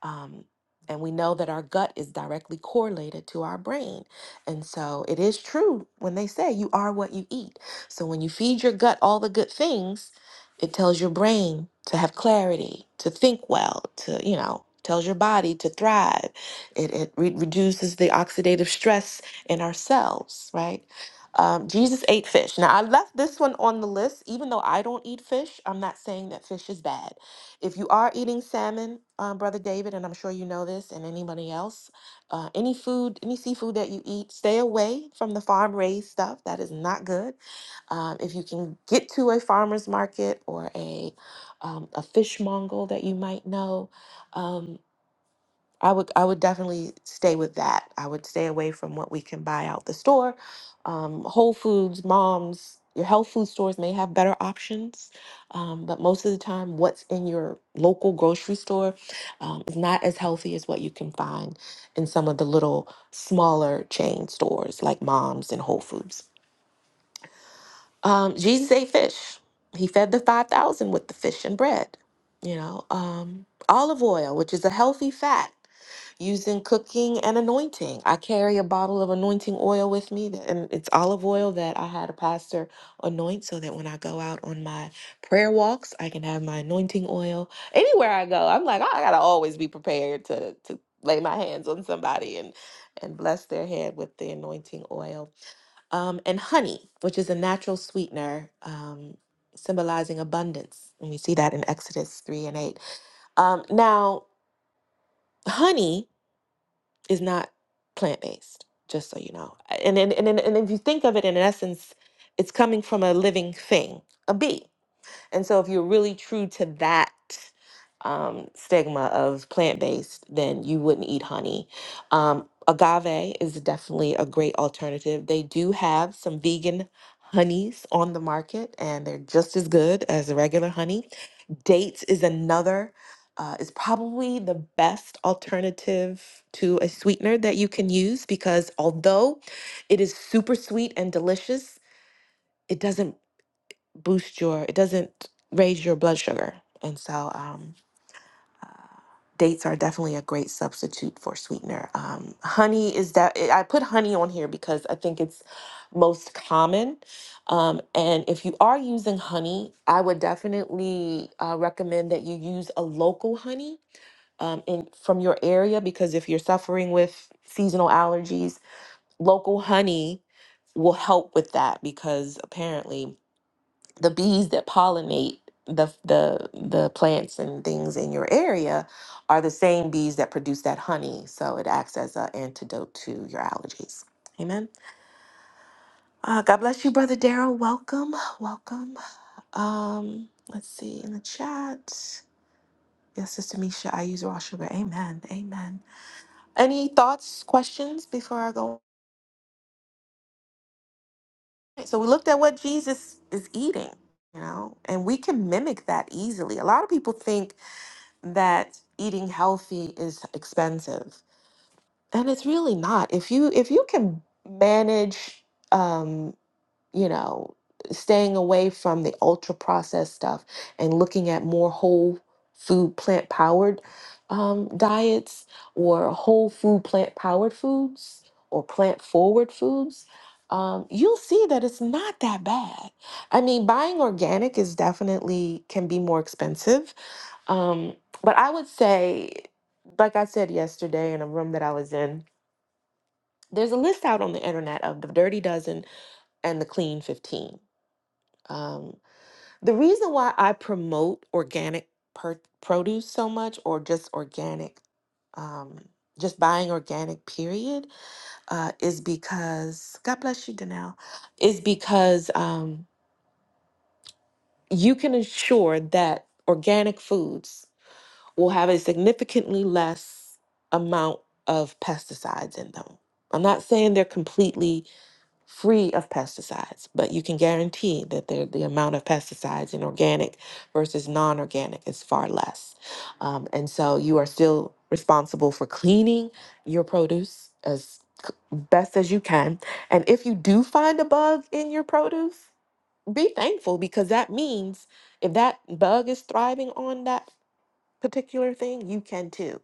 A: Um, and we know that our gut is directly correlated to our brain. And so it is true when they say you are what you eat. So when you feed your gut all the good things, it tells your brain to have clarity, to think well, to, you know, tells your body to thrive. It, it re- reduces the oxidative stress in our cells, right? Um, Jesus ate fish. Now, I left this one on the list. Even though I don't eat fish, I'm not saying that fish is bad. If you are eating salmon, um, Brother David, and I'm sure you know this, and anybody else, uh, any food, any seafood that you eat, stay away from the farm raised stuff. That is not good. Um, if you can get to a farmer's market or a, um, a fishmonger that you might know, um, I would I would definitely stay with that. I would stay away from what we can buy out the store. Um, Whole Foods, Mom's, your health food stores may have better options, um, but most of the time, what's in your local grocery store um, is not as healthy as what you can find in some of the little smaller chain stores like Mom's and Whole Foods. Um, Jesus ate fish. He fed the 5,000 with the fish and bread. You know, um, olive oil, which is a healthy fat, used in cooking and anointing. I carry a bottle of anointing oil with me, that- and it's olive oil that I had a pastor anoint so that when I go out on my prayer walks, I can have my anointing oil. Anywhere I go, I'm like, "Oh, I gotta always be prepared to, to lay my hands on somebody and, and bless their head with the anointing oil um, and honey, which is a natural sweetener, um, symbolizing abundance. And we see that in Exodus 3 and 8. Um, now, honey is not plant based, just so you know. And, and, and, and and if you think of it in essence, it's coming from a living thing, a bee. And so, if you're really true to that um, stigma of plant based, then you wouldn't eat honey. Um, agave is definitely a great alternative. They do have some vegan honeys on the market, and they're just as good as the regular honey. Dates is another. Uh, is probably the best alternative to a sweetener that you can use because although it is super sweet and delicious, it doesn't boost your it doesn't raise your blood sugar and so um dates are definitely a great substitute for sweetener um honey is that eh, i put honey on here because i think it's most common um and if you are using honey i would definitely uh, recommend that you use a local honey um in from your area because if you're suffering with seasonal allergies local honey will help with that because apparently the bees that pollinate the the the plants and things in your area are the same bees that produce that honey so it acts as an antidote to your allergies amen uh, god bless you brother daryl welcome welcome um let's see in the chat yes sister misha i use raw sugar amen amen any thoughts questions before i go so we looked at what jesus is eating you know and we can mimic that easily a lot of people think that eating healthy is expensive and it's really not if you if you can manage um you know staying away from the ultra processed stuff and looking at more whole food plant powered um, diets or whole food plant powered foods or plant forward foods um, you'll see that it's not that bad i mean buying organic is definitely can be more expensive um, but I would say, like I said yesterday in a room that I was in, there's a list out on the internet of the dirty dozen and the clean 15. Um, the reason why I promote organic per- produce so much or just organic, um, just buying organic, period, uh, is because, God bless you, Danelle, is because um, you can ensure that organic foods. will have a significantly less amount of pesticides in them. I'm not saying they're completely free of pesticides, but you can guarantee that they're- the amount of pesticides in organic versus non organic is far less. Um, and so you are still responsible for cleaning your produce as c- best as you can. And if you do find a bug in your produce, be thankful because that means if that bug is thriving on that particular thing, you can too.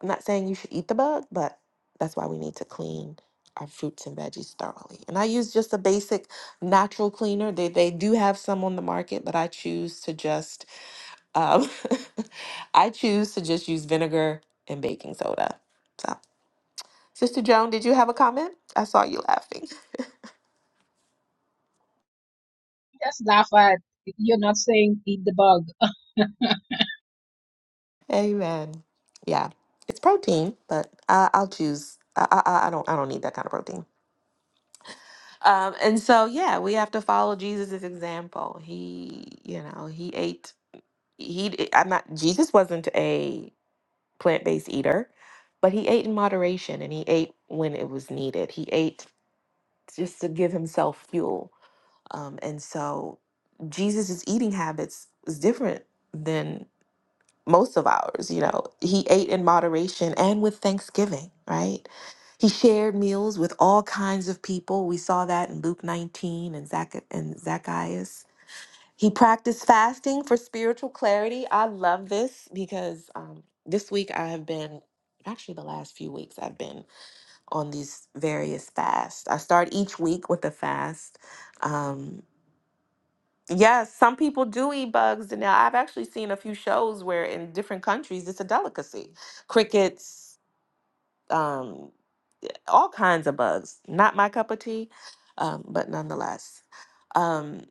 A: I'm not saying you should eat the bug, but that's why we need to clean our fruits and veggies thoroughly. And I use just a basic natural cleaner. They they do have some on the market, but I choose to just um, I choose to just use vinegar and baking soda. So, Sister Joan, did you have a comment? I saw you laughing.
C: Just laugh at you're not saying eat the bug.
A: Amen. Yeah, it's protein, but I, I'll choose. I, I I I don't I don't need that kind of protein. Um, and so, yeah, we have to follow Jesus' example. He, you know, he ate, he, d- I'm not, Jesus wasn't a plant based eater, but he ate in moderation and he ate when it was needed. He ate just to give himself fuel. Um, and so, Jesus' eating habits was different than most of ours, you know. He ate in moderation and with thanksgiving, right? He shared meals with all kinds of people. We saw that in Luke 19 and Zac- and Zacchaeus. He practiced fasting for spiritual clarity. I love this because um, this week I have been, actually, the last few weeks, I've been on these various fasts. I start each week with a fast. Um, Yes, some people do eat bugs, and now I've actually seen a few shows where in different countries it's a delicacy. Crickets, um, all kinds of bugs. Not my cup of tea, um, but nonetheless. Um,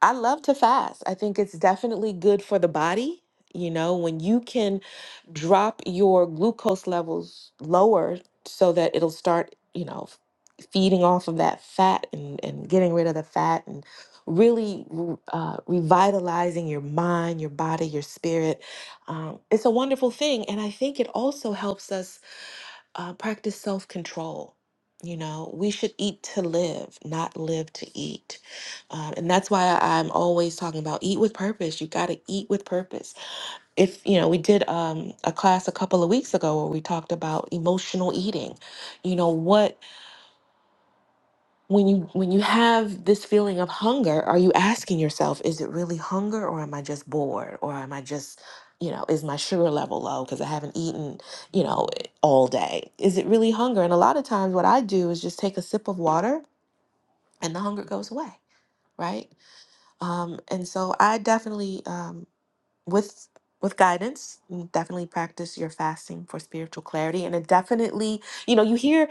A: I love to fast. I think it's definitely good for the body. You know, when you can drop your glucose levels lower so that it'll start, you know, f- feeding off of that fat and, and getting rid of the fat and really re- uh, revitalizing your mind, your body, your spirit. Um, it's a wonderful thing. And I think it also helps us uh, practice self control. You know, we should eat to live, not live to eat. Um, and that's why I'm always talking about eat with purpose. You got to eat with purpose. If, you know, we did um, a class a couple of weeks ago where we talked about emotional eating. You know, what when you when you have this feeling of hunger are you asking yourself is it really hunger or am i just bored or am i just you know is my sugar level low because i haven't eaten you know all day is it really hunger and a lot of times what i do is just take a sip of water and the hunger goes away right um, and so i definitely um, with with guidance you definitely practice your fasting for spiritual clarity and it definitely you know you hear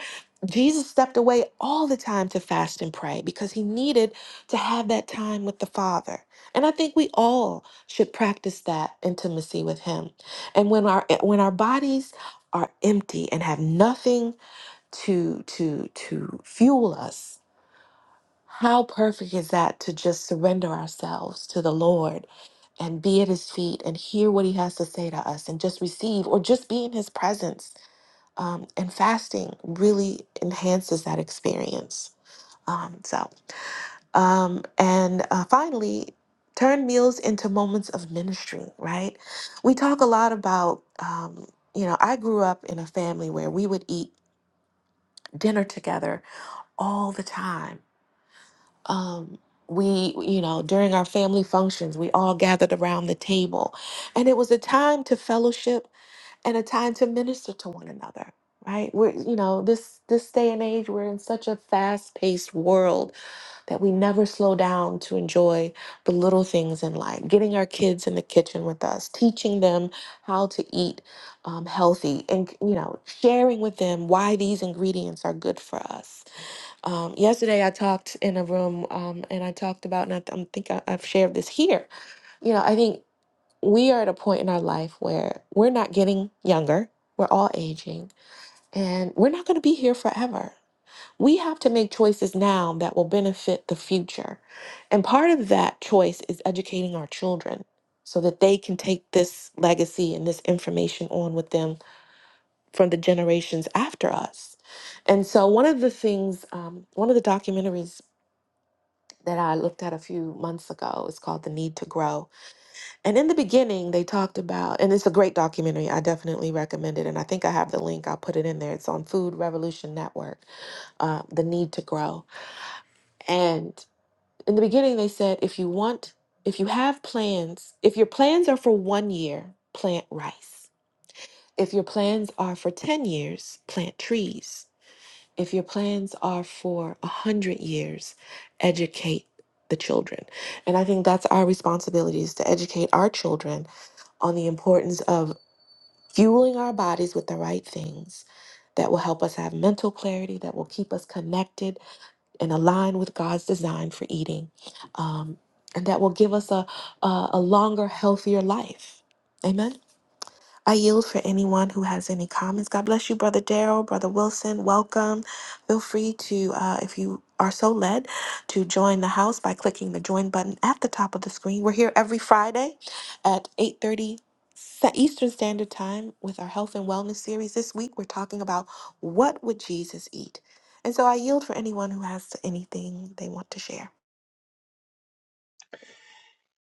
A: jesus stepped away all the time to fast and pray because he needed to have that time with the father and i think we all should practice that intimacy with him and when our eh, when our bodies are empty and have nothing to to to fuel us how perfect is that to just surrender ourselves to the lord and be at his feet and hear what he has to say to us and just receive or just be in his presence. Um, and fasting really enhances that experience. Um, so, um, and uh, finally, turn meals into moments of ministry, right? We talk a lot about, um, you know, I grew up in a family where we would eat dinner together all the time. um, we, you know, during our family functions, we all gathered around the table. And it was a time to fellowship and a time to minister to one another, right? We're, you know, this this day and age, we're in such a fast-paced world that we never slow down to enjoy the little things in life. Getting our kids in the kitchen with us, teaching them how to eat um, healthy, and you know, sharing with them why these ingredients are good for us um, yesterday, I talked in a room um, and I talked about, and I, th- I think I, I've shared this here. You know, I think we are at a point in our life where we're not getting younger, we're all aging, and we're not going to be here forever. We have to make choices now that will benefit the future. And part of that choice is educating our children so that they can take this legacy and this information on with them from the generations after us. And so, one of the things, um, one of the documentaries that I looked at a few months ago. It's called The Need to Grow. And in the beginning, they talked about, and it's a great documentary. I definitely recommend it. And I think I have the link, I'll put it in there. It's on Food Revolution Network, uh, The Need to Grow. And in the beginning, they said, if you want, if you have plans, if your plans are for one year, plant rice. If your plans are for 10 years, plant trees. If your plans are for a hundred years, educate the children. And I think that's our responsibility is to educate our children on the importance of fueling our bodies with the right things that will help us have mental clarity, that will keep us connected and aligned with God's design for eating, um, and that will give us a, a, a longer, healthier life. Amen. I yield for anyone who has any comments. God bless you, Brother Daryl, Brother Wilson. Welcome. Feel free to, uh, if you are so led, to join the house by clicking the join button at the top of the screen. We're here every Friday at 8:30 Eastern Standard Time with our health and wellness series. This week we're talking about what would Jesus eat. And so I yield for anyone who has anything they want to share.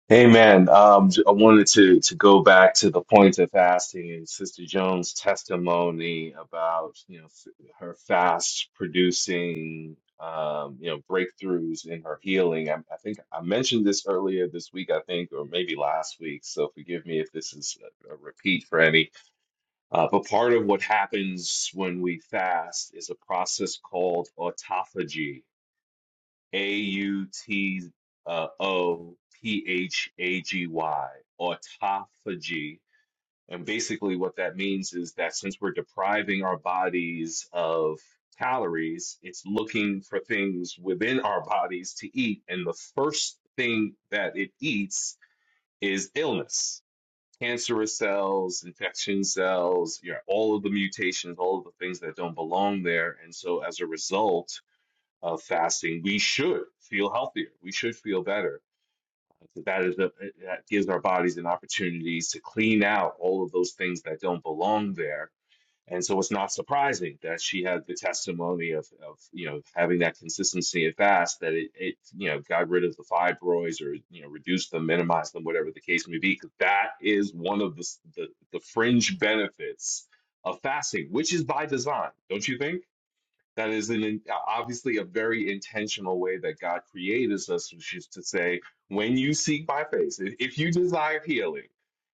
B: Hey man, um, j- I wanted to to go back to the point of fasting and Sister Jones' testimony about you know f- her fast producing um, you know breakthroughs in her healing. I, I think I mentioned this earlier this week, I think, or maybe last week. So forgive me if this is a, a repeat for any. Uh, but part of what happens when we fast is a process called autophagy a U T uh, O P H A G Y, autophagy. And basically, what that means is that since we're depriving our bodies of calories, it's looking for things within our bodies to eat. And the first thing that it eats is illness. Cancerous cells, infection cells, you know, all of the mutations, all of the things that don't belong there. And so, as a result, of fasting, we should feel healthier. We should feel better. So That is the, that gives our bodies an opportunity to clean out all of those things that don't belong there. And so it's not surprising that she had the testimony of, of you know having that consistency and fast that it, it you know got rid of the fibroids or you know reduced them, minimized them, whatever the case may be. Because that is one of the, the the fringe benefits of fasting, which is by design, don't you think? That is an in- obviously a very intentional way that God created us, which is to say, when you seek my face, if if you desire healing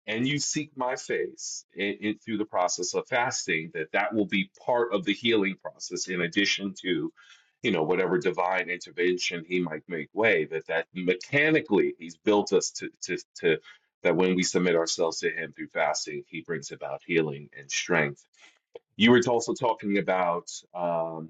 B: and you seek my face in, in, through the process of fasting, that that will be part of the healing process in addition to, you know, whatever divine intervention he might make way, that that mechanically he's built us to, to, to that when we submit ourselves to him through fasting, he brings about healing and strength you were also talking about um,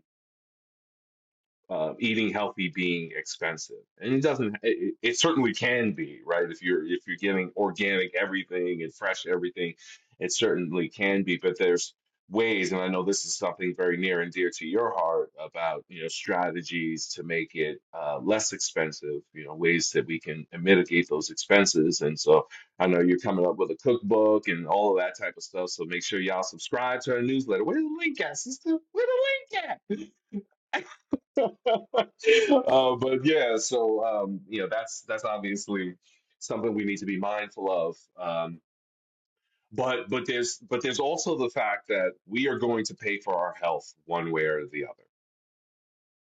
B: uh, eating healthy being expensive and it doesn't it, it certainly can be right if you're if you're getting organic everything and fresh everything it certainly can be but there's ways and i know this is something very near and dear to your heart about you know strategies to make it uh, less expensive you know ways that we can mitigate those expenses and so i know you're coming up with a cookbook and all of that type of stuff so make sure y'all subscribe to our newsletter where the link at sister where the link at uh, but yeah, so um, you know that's that's obviously something we need to be mindful of. Um, but but there's but there's also the fact that we are going to pay for our health one way or the other.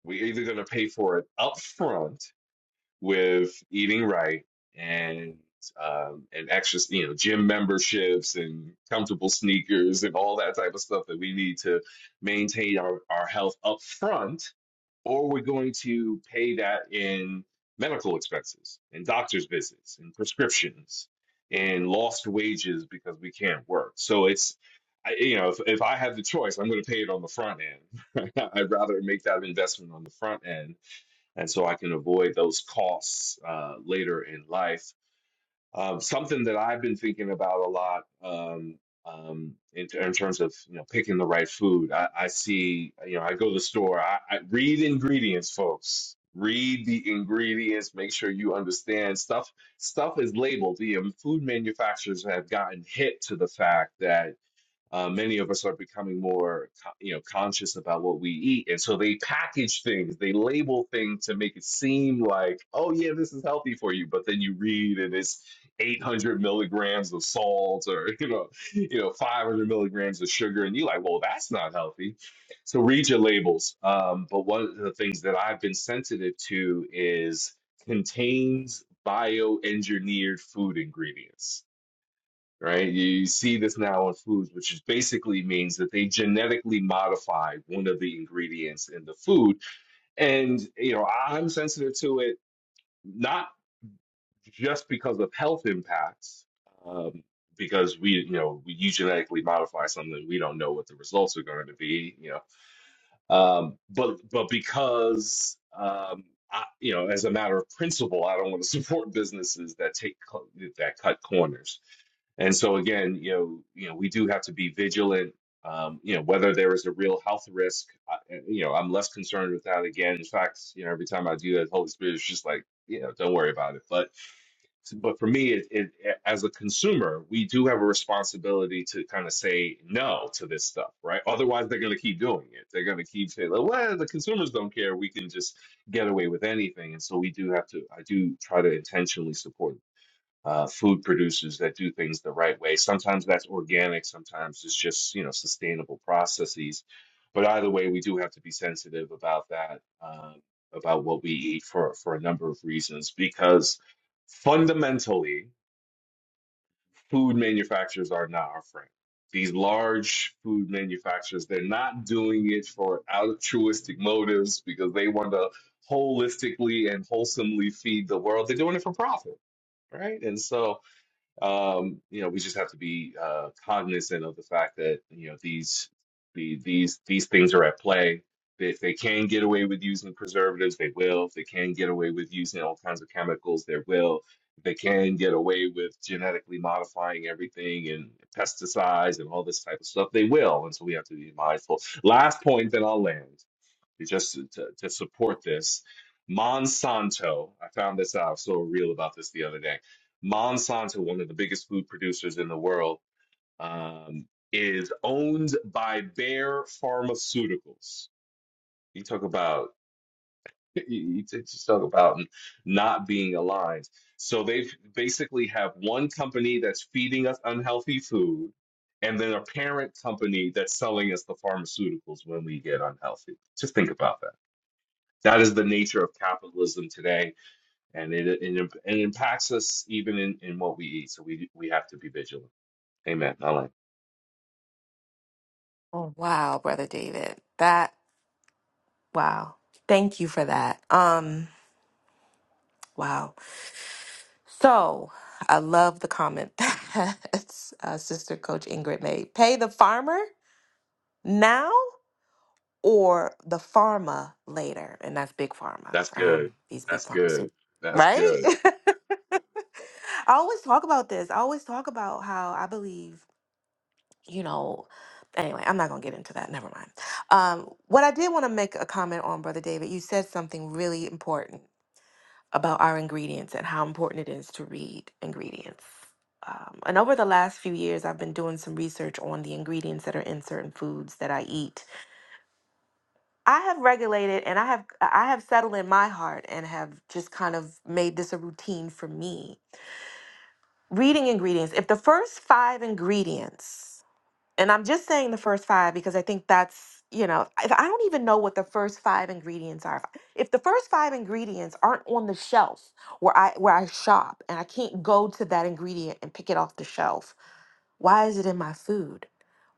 B: We're either going to pay for it up front with eating right and um, and extra, you know, gym memberships and comfortable sneakers and all that type of stuff that we need to maintain our, our health up front, or we're going to pay that in medical expenses and doctor's visits and prescriptions and lost wages because we can't work. So it's, I, you know, if, if I have the choice, I'm going to pay it on the front end. I'd rather make that investment on the front end and so I can avoid those costs uh, later in life. Um, something that I've been thinking about a lot um, um, in, in terms of you know picking the right food. I, I see you know I go to the store. I, I read ingredients, folks. Read the ingredients. Make sure you understand stuff. Stuff is labeled. The um, food manufacturers have gotten hit to the fact that uh, many of us are becoming more co- you know conscious about what we eat and so they package things they label things to make it seem like oh yeah this is healthy for you but then you read and it's 800 milligrams of salt or you know you know 500 milligrams of sugar and you're like well that's not healthy so read your labels um, but one of the things that i've been sensitive to is contains bioengineered food ingredients right? You see this now in foods, which is basically means that they genetically modified one of the ingredients in the food. And, you know, I'm sensitive to it, not just because of health impacts, um, because we, you know, we, you genetically modify something, we don't know what the results are going to be. You know, um, but but because um, I, you know, as a matter of principle, I don't want to support businesses that take co- that cut corners. And so again, you know, you know, we do have to be vigilant. Um, you know, whether there is a real health risk, I, you know, I'm less concerned with that. Again, in fact, you know, every time I do that, Holy Spirit is just like, you know, don't worry about it. But but for me, it, it, as a consumer, we do have a responsibility to kind of say no to this stuff, right? Otherwise, they're going to keep doing it. They're going to keep saying, "Well, well, the consumers don't care. We can just get away with anything." And so, we do have to. I do try to intentionally support uh, food producers that do things the right way. Sometimes that's organic, sometimes it's just, you know, sustainable processes. But either way, we do have to be sensitive about that, um, about what we eat for, for a number of reasons, because fundamentally, food manufacturers are not our friend. These large food manufacturers, they're not doing it for altruistic motives because they want to holistically and wholesomely feed the world. They're doing it for profit, right? And so um, you know, we just have to be uh, cognizant of the fact that you know these the, these these things are at play. If they can get away with using preservatives, they will. If they can get away with using all kinds of chemicals, they will. If they can get away with genetically modifying everything and pesticides and all this type of stuff, they will. And so we have to be mindful. Last point, then I'll land just to, to support this. Monsanto, I found this out, I was so real about this the other day. Monsanto, one of the biggest food producers in the world, um, is owned by Bayer Pharmaceuticals. You talk about you you just talk about not being aligned. So they basically have one company that's feeding us unhealthy food, and then a parent company that's selling us the pharmaceuticals when we get unhealthy. Just think about that that is the nature of capitalism today, and it it, it impacts us even in, in what we eat. So we we have to be vigilant. Amen. I like
A: Oh, wow, Brother David. That, wow. Thank you for that. Um, wow. So I love the comment that uh, Sister Coach Ingrid made. Pay the farmer now or the pharma later. And that's big pharma.
B: that's good.
A: Um, these big
B: That's
A: pharmacies.
B: good. That's
A: Right?
B: good.
A: I always talk about this. I always talk about how I believe, you know, anyway, I'm not going to get into that. Never mind. Um, what I did want to make a comment on, Brother David, you said something really important. about our ingredients and how important it is to read ingredients. Um, and over the last few years, I've been doing some research on the ingredients that are in certain foods that I eat. I have regulated and I have I have settled in my heart and have just kind of made this a routine for me. Reading ingredients. If the first five ingredients and I'm just saying the first five because I think that's, you know, if I don't even know what the first five ingredients are. If if the first five ingredients aren't on the shelf where I where I shop and I can't go to that ingredient and pick it off the shelf, why is it in my food?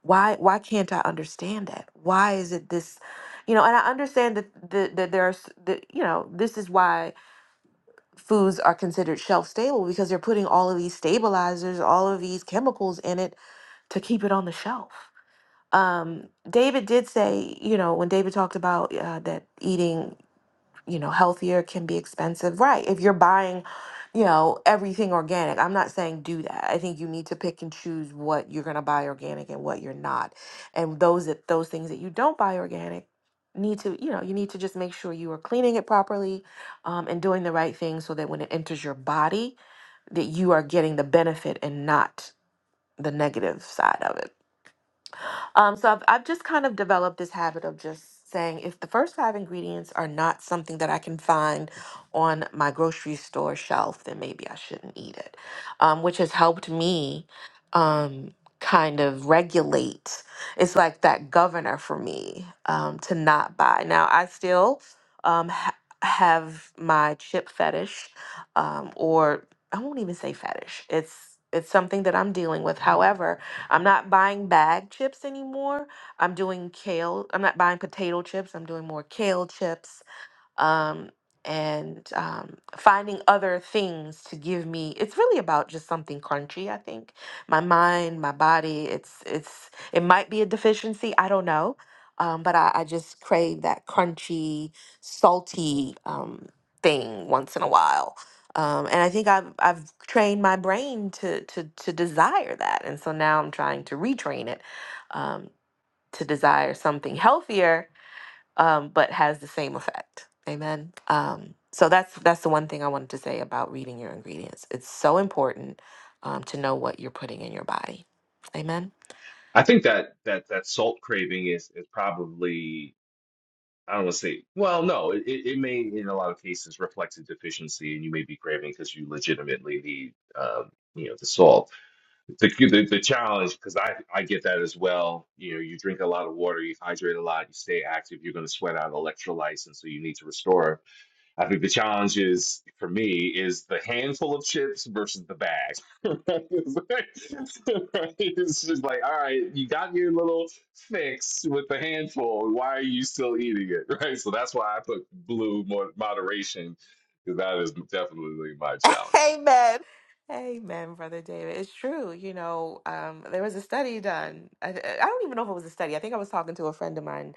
A: Why why can't I understand it? Why is it this, you know, and I understand that the, that there's the you know, this is why foods are considered shelf stable because they're putting all of these stabilizers, all of these chemicals in it to keep it on the shelf um, David did say, you know, when David talked about uh, that eating, you know, healthier can be expensive, right? If you're buying, you know, everything organic, I'm not saying do that. I think you need to pick and choose what you're going to buy organic and what you're not. And those that those things that you don't buy organic need to, you know, you need to just make sure you are cleaning it properly um, and doing the right thing so that when it enters your body, that you are getting the benefit and not the negative side of it. Um, so I've, I've just kind of developed this habit of just saying if the first five ingredients are not something that I can find on my grocery store shelf, then maybe I shouldn't eat it, um, which has helped me um, kind of regulate. It's like that governor for me um, to not buy. Now, I still um, ha- have my chip fetish, um, or I won't even say fetish. It's it's something that I'm dealing with. However, I'm not buying bag chips anymore. I'm doing kale. I'm not buying potato chips. I'm doing more kale chips um, and um, finding other things to give me. It's really about just something crunchy. I think my mind, my body. It's it's it might be a deficiency. I don't know, um, but I, I just crave that crunchy, salty um, thing once in a while. Um, and I think I've I've trained my brain to to to desire that, and so now I'm trying to retrain it um, to desire something healthier um, but has the same effect. Amen. Um, so that's that's the one thing I wanted to say about reading your ingredients. It's so important um, to know what you're putting in your body. Amen.
B: I think that that that salt craving is is probably I don't want to say well no it, it it may in a lot of cases reflect a deficiency and you may be craving because you legitimately need um, you know the salt the the, the challenge because I I get that as well. You know, you drink a lot of water, you hydrate a lot, you stay active, you're going to sweat out electrolytes, and so you need to restore. I think the challenge is for me is the handful of chips versus the bag. it's like- it's just like, all right, you got your little fix with the handful. Why are you still eating it, right? So that's why I put blue mo- moderation because that is definitely my challenge.
A: Amen. Amen, brother David. It's true. You know, um, there was a study done. I, I don't even know if it was a study. I think I was talking to a friend of mine,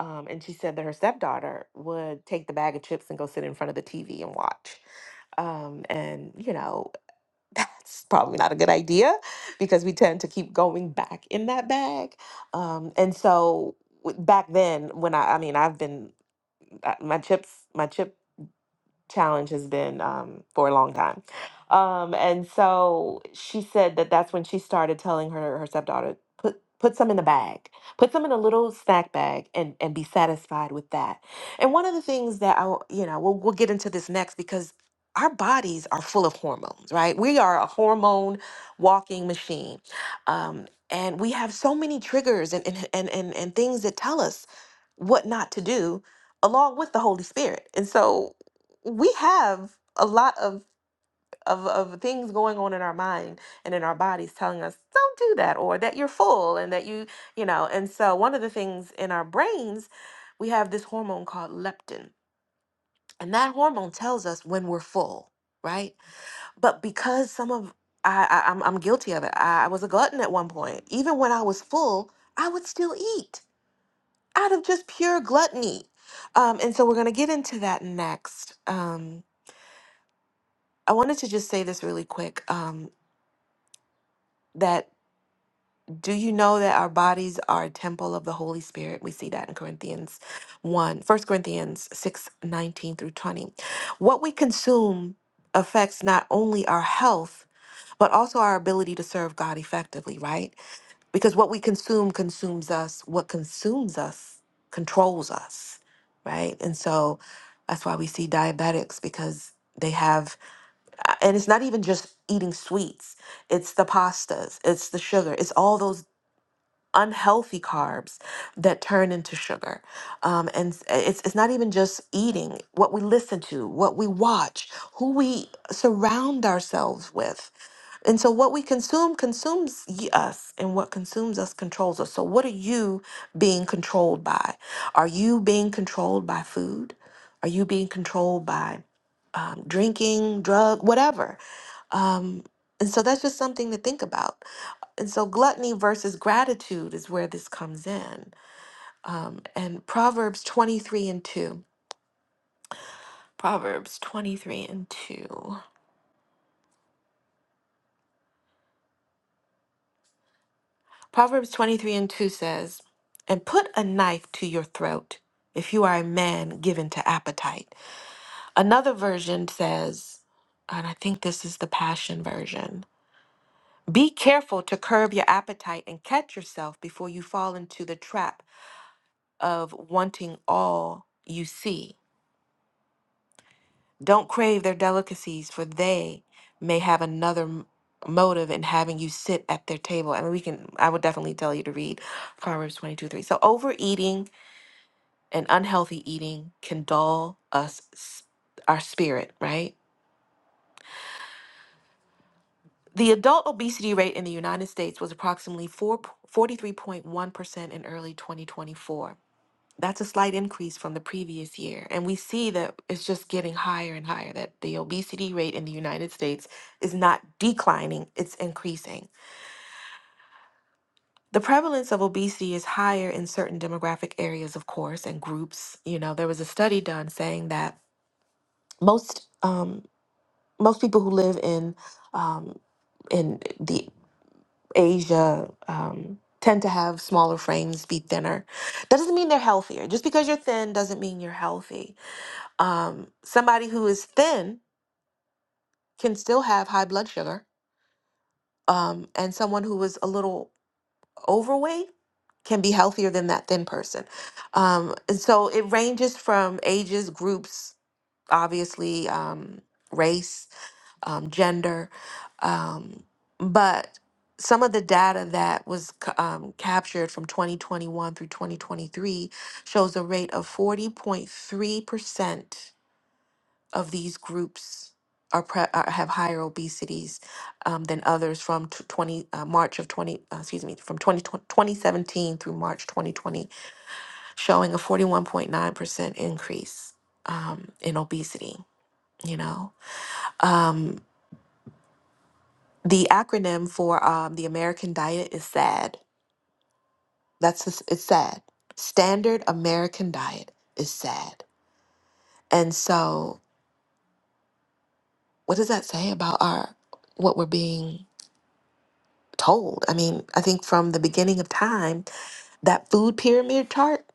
A: um, and she said that her stepdaughter would take the bag of chips and go sit in front of the TV and watch. Um, and you know, that's probably not a good idea because we tend to keep going back in that bag. Um, and so w- back then, when I, I mean, I've been uh, my chips, my chip challenge has been um, for a long time. Um, and so she said that that's when she started telling her her stepdaughter put put some in a bag, put some in a little snack bag, and and be satisfied with that. And one of the things that I w- you know we'll we'll get into this next because our bodies are full of hormones, right? We are a hormone walking machine. Um, and we have so many triggers and, and, and, and, and things that tell us what not to do along with the Holy Spirit. And so we have a lot of, of of things going on in our mind and in our bodies telling us don't do that or that you're full and that you you know and so one of the things in our brains we have this hormone called leptin and that hormone tells us when we're full right but because some of I, I I'm I'm guilty of it I, I was a glutton at one point even when I was full I would still eat out of just pure gluttony um, and so we're gonna get into that next Um, I wanted to just say this really quick um, that do you know that our bodies are a temple of the Holy Spirit? We see that in Corinthians one, First Corinthians 6 19 through 20. What we consume affects not only our health, but also our ability to serve God effectively, right? Because what we consume consumes us, what consumes us controls us, right? And so that's why we see diabetics because they have uh, and it's not even just eating sweets it's the pastas it's the sugar it's all those unhealthy carbs that turn into sugar um, and s- it's, it's not even just eating what we listen to what we watch who we surround ourselves with and so what we consume consumes y- us and what consumes us controls us so what are you being controlled by are you being controlled by food are you being controlled by um, drinking drug whatever um, and so that's just something to think about. And so gluttony versus gratitude is where this comes in. Um, and Proverbs 23 and 2. Proverbs 23 and 2. Proverbs 23 and 2 says, And put a knife to your throat if you are a man given to appetite. Another version says, and I think this is the Passion version. Be careful to curb your appetite and catch yourself before you fall into the trap of wanting all you see. Don't crave their delicacies, for they may have another m- motive in having you sit at their table. I mean, we can, I would definitely tell you to read Proverbs 22 3. So, overeating and unhealthy eating can dull us, s- our spirit, right? The adult obesity rate in the United States was approximately 443.1 percent in early 2024. That's a slight increase from the previous year. And we see that it's just getting higher and higher, that the obesity rate in the United States is not declining, it's increasing. The prevalence of obesity is higher in certain demographic areas, of course, and groups. You know, there was a study done saying that most um, most people who live in um, in the Asia um, tend to have smaller frames, be thinner. That doesn't mean they're healthier. Just because you're thin doesn't mean you're healthy um, somebody who is thin can still have high blood sugar, um, and someone who is a little overweight can be healthier than that thin person. Um, and so it ranges from ages, groups, obviously, um, race, um, gender, um, but some of the data that was c- um, captured from 2021 through 2023 shows a rate of 40.3% of these groups are, pre- are have higher obesities um, than others from t- 20 uh, March of 20 uh, excuse me from 20 2017 through March 2020 showing a 41.9% increase um, in obesity you know um, the acronym for um, the American diet is SAD that's the s- it's SAD standard American diet is SAD and so what does that say about our what we're being told. I mean, I think from the beginning of time, that food pyramid chart,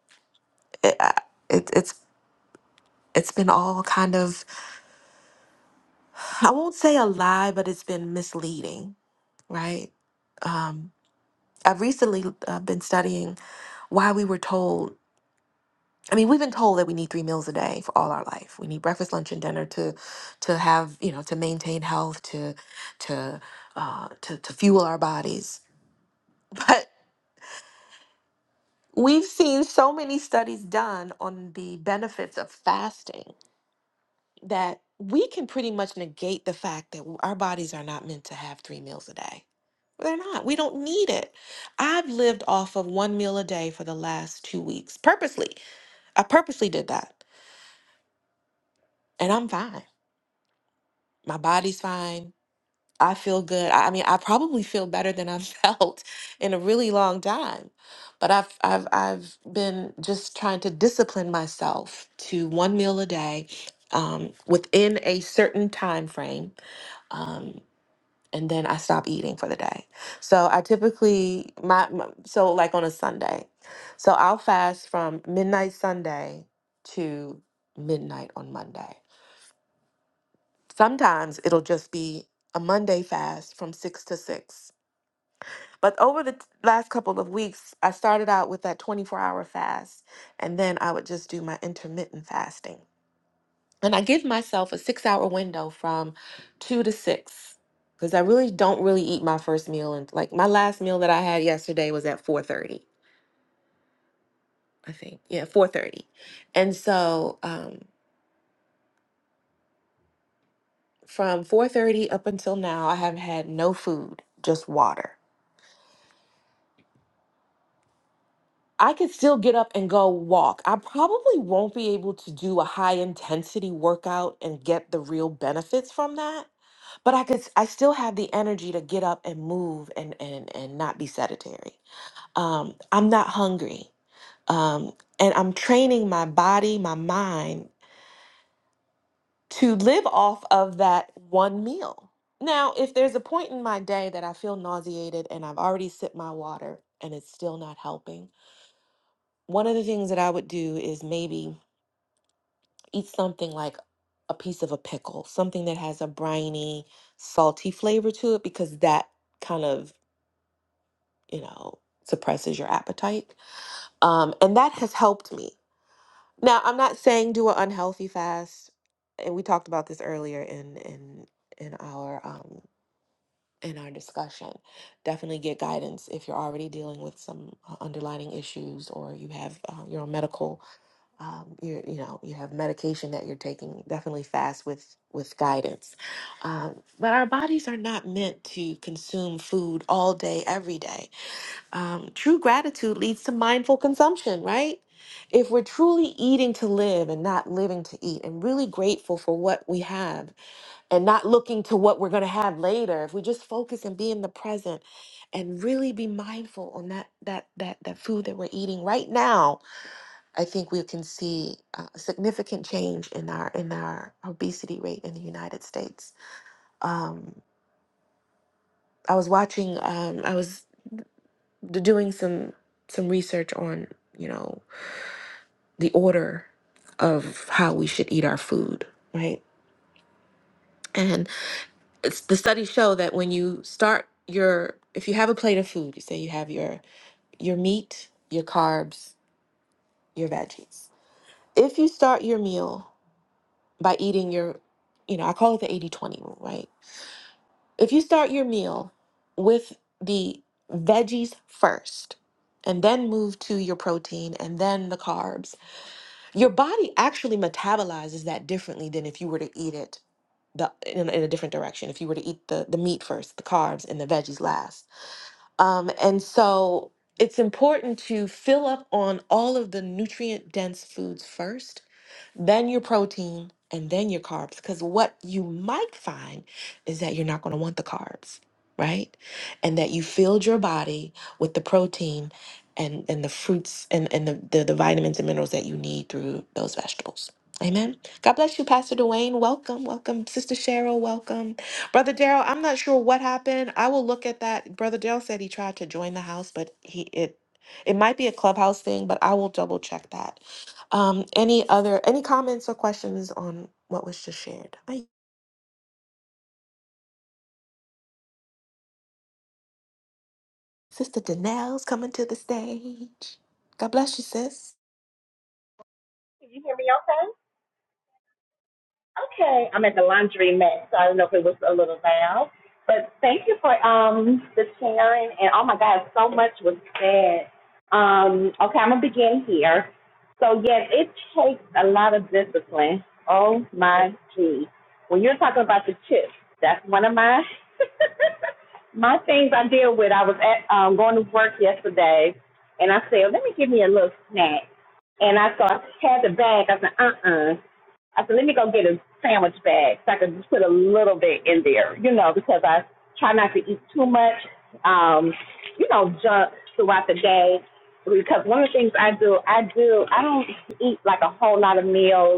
A: it, I- it, it's it's been all kind of I won't say a lie, but it's been misleading, right? Um, I've recently uh, been studying why we were told. I mean, we've been told that we need three meals a day for all our life. We need breakfast, lunch, and dinner to to have you know to maintain health, to to uh, to to fuel our bodies. but. We've seen so many studies done on the benefits of fasting that we can pretty much negate the fact that our bodies are not meant to have three meals a day. They're not. We don't need it. I've lived off of one meal a day for the last two weeks purposely. I purposely did that, and I'm fine. My body's fine. I feel good. I I mean, I probably feel better than I've felt in a really long time. But I've I've I've been just trying to discipline myself to one meal a day um, within a certain time frame. Um, and then I stop eating for the day. So I typically my, my so like on a Sunday. So I'll fast from midnight Sunday to midnight on Monday. Sometimes it'll just be a Monday fast from 6 to 6 But over the t- last couple of weeks, I started out with that 24 hour fast, and then I would just do my intermittent fasting. And I give myself a six hour window from two to six because I really don't really eat my first meal. And like my last meal that I had yesterday was at 4:30, I think. Yeah, 4:30. And so um, from 4:30 up until now, I have had no food, just water. I could still get up and go walk. I probably won't be able to do a high intensity workout and get the real benefits from that, but I could s- I still have the energy to get up and move and and and not be sedentary. Um, I'm not hungry. Um, and I'm training my body, my mind to live off of that one meal. Now, if there's a point in my day that I feel nauseated and I've already sipped my water and it's still not helping, one of the things that I would do is maybe eat something like a piece of a pickle, something that has a briny, salty flavor to it, because that kind of, you know, suppresses your appetite. Um, and that has helped me. Now, I'm not saying do an unhealthy fast, and we talked about this earlier in in in our um, in our discussion. Definitely get guidance if you're already dealing with some uh, underlining issues or you have uh, your own medical um, you you know you have medication that you're taking definitely fast with with guidance um, but our bodies are not meant to consume food all day every day um, true gratitude leads to mindful consumption right if we're truly eating to live and not living to eat and really grateful for what we have and not looking to what we're going to have later if we just focus and be in the present and really be mindful on that that that that food that we're eating right now I think we can see uh, significant change in our in our obesity rate in the United States. Um, I was watching. Um, I was d- doing some some research on you know the order of how we should eat our food, right? And it's, the studies show that when you start your if you have a plate of food, you say you have your your meat, your carbs, your veggies. If you start your meal by eating your, you know, I call it the eighty twenty rule, right? If you start your meal with the veggies first and then move to your protein and then the carbs, your body actually metabolizes that differently than if you were to eat it the in, in a different direction if you were to eat the the meat first the carbs and the veggies last um and so it's important to fill up on all of the nutrient dense foods first then your protein, and then your carbs. Because what you might find is that you're not going to want the carbs, right? And that you filled your body with the protein and, and the fruits and, and the, the, the vitamins and minerals that you need through those vegetables. Amen. God bless you, Pastor Dwayne. Welcome. Welcome. Sister Cheryl, welcome. Brother Daryl, I'm not sure what happened. I will look at that. Brother Daryl said he tried to join the house, but he it it might be a clubhouse thing, but I will double check that. Um, any other any comments or questions on what was just shared? Hi, Sister Danelle's coming to the stage. God bless you, sis.
D: Can you hear me okay? Okay. I'm at the laundry mat, so I don't know if it was a little loud. But thank you for um the sharing and oh my god, so much was said. Um, okay, I'm gonna begin here. So yes, it takes a lot of discipline. Oh my gee. When you're talking about the chips, that's one of my my things I deal with. I was at um going to work yesterday and I said, Let me give me a little snack and I saw I had the bag. I said, uh uh I said, let me go get a sandwich bag so I can just put a little bit in there, you know, because I try not to eat too much, um, you know, junk throughout the day. Because one of the things I do, I do, I don't eat like a whole lot of meals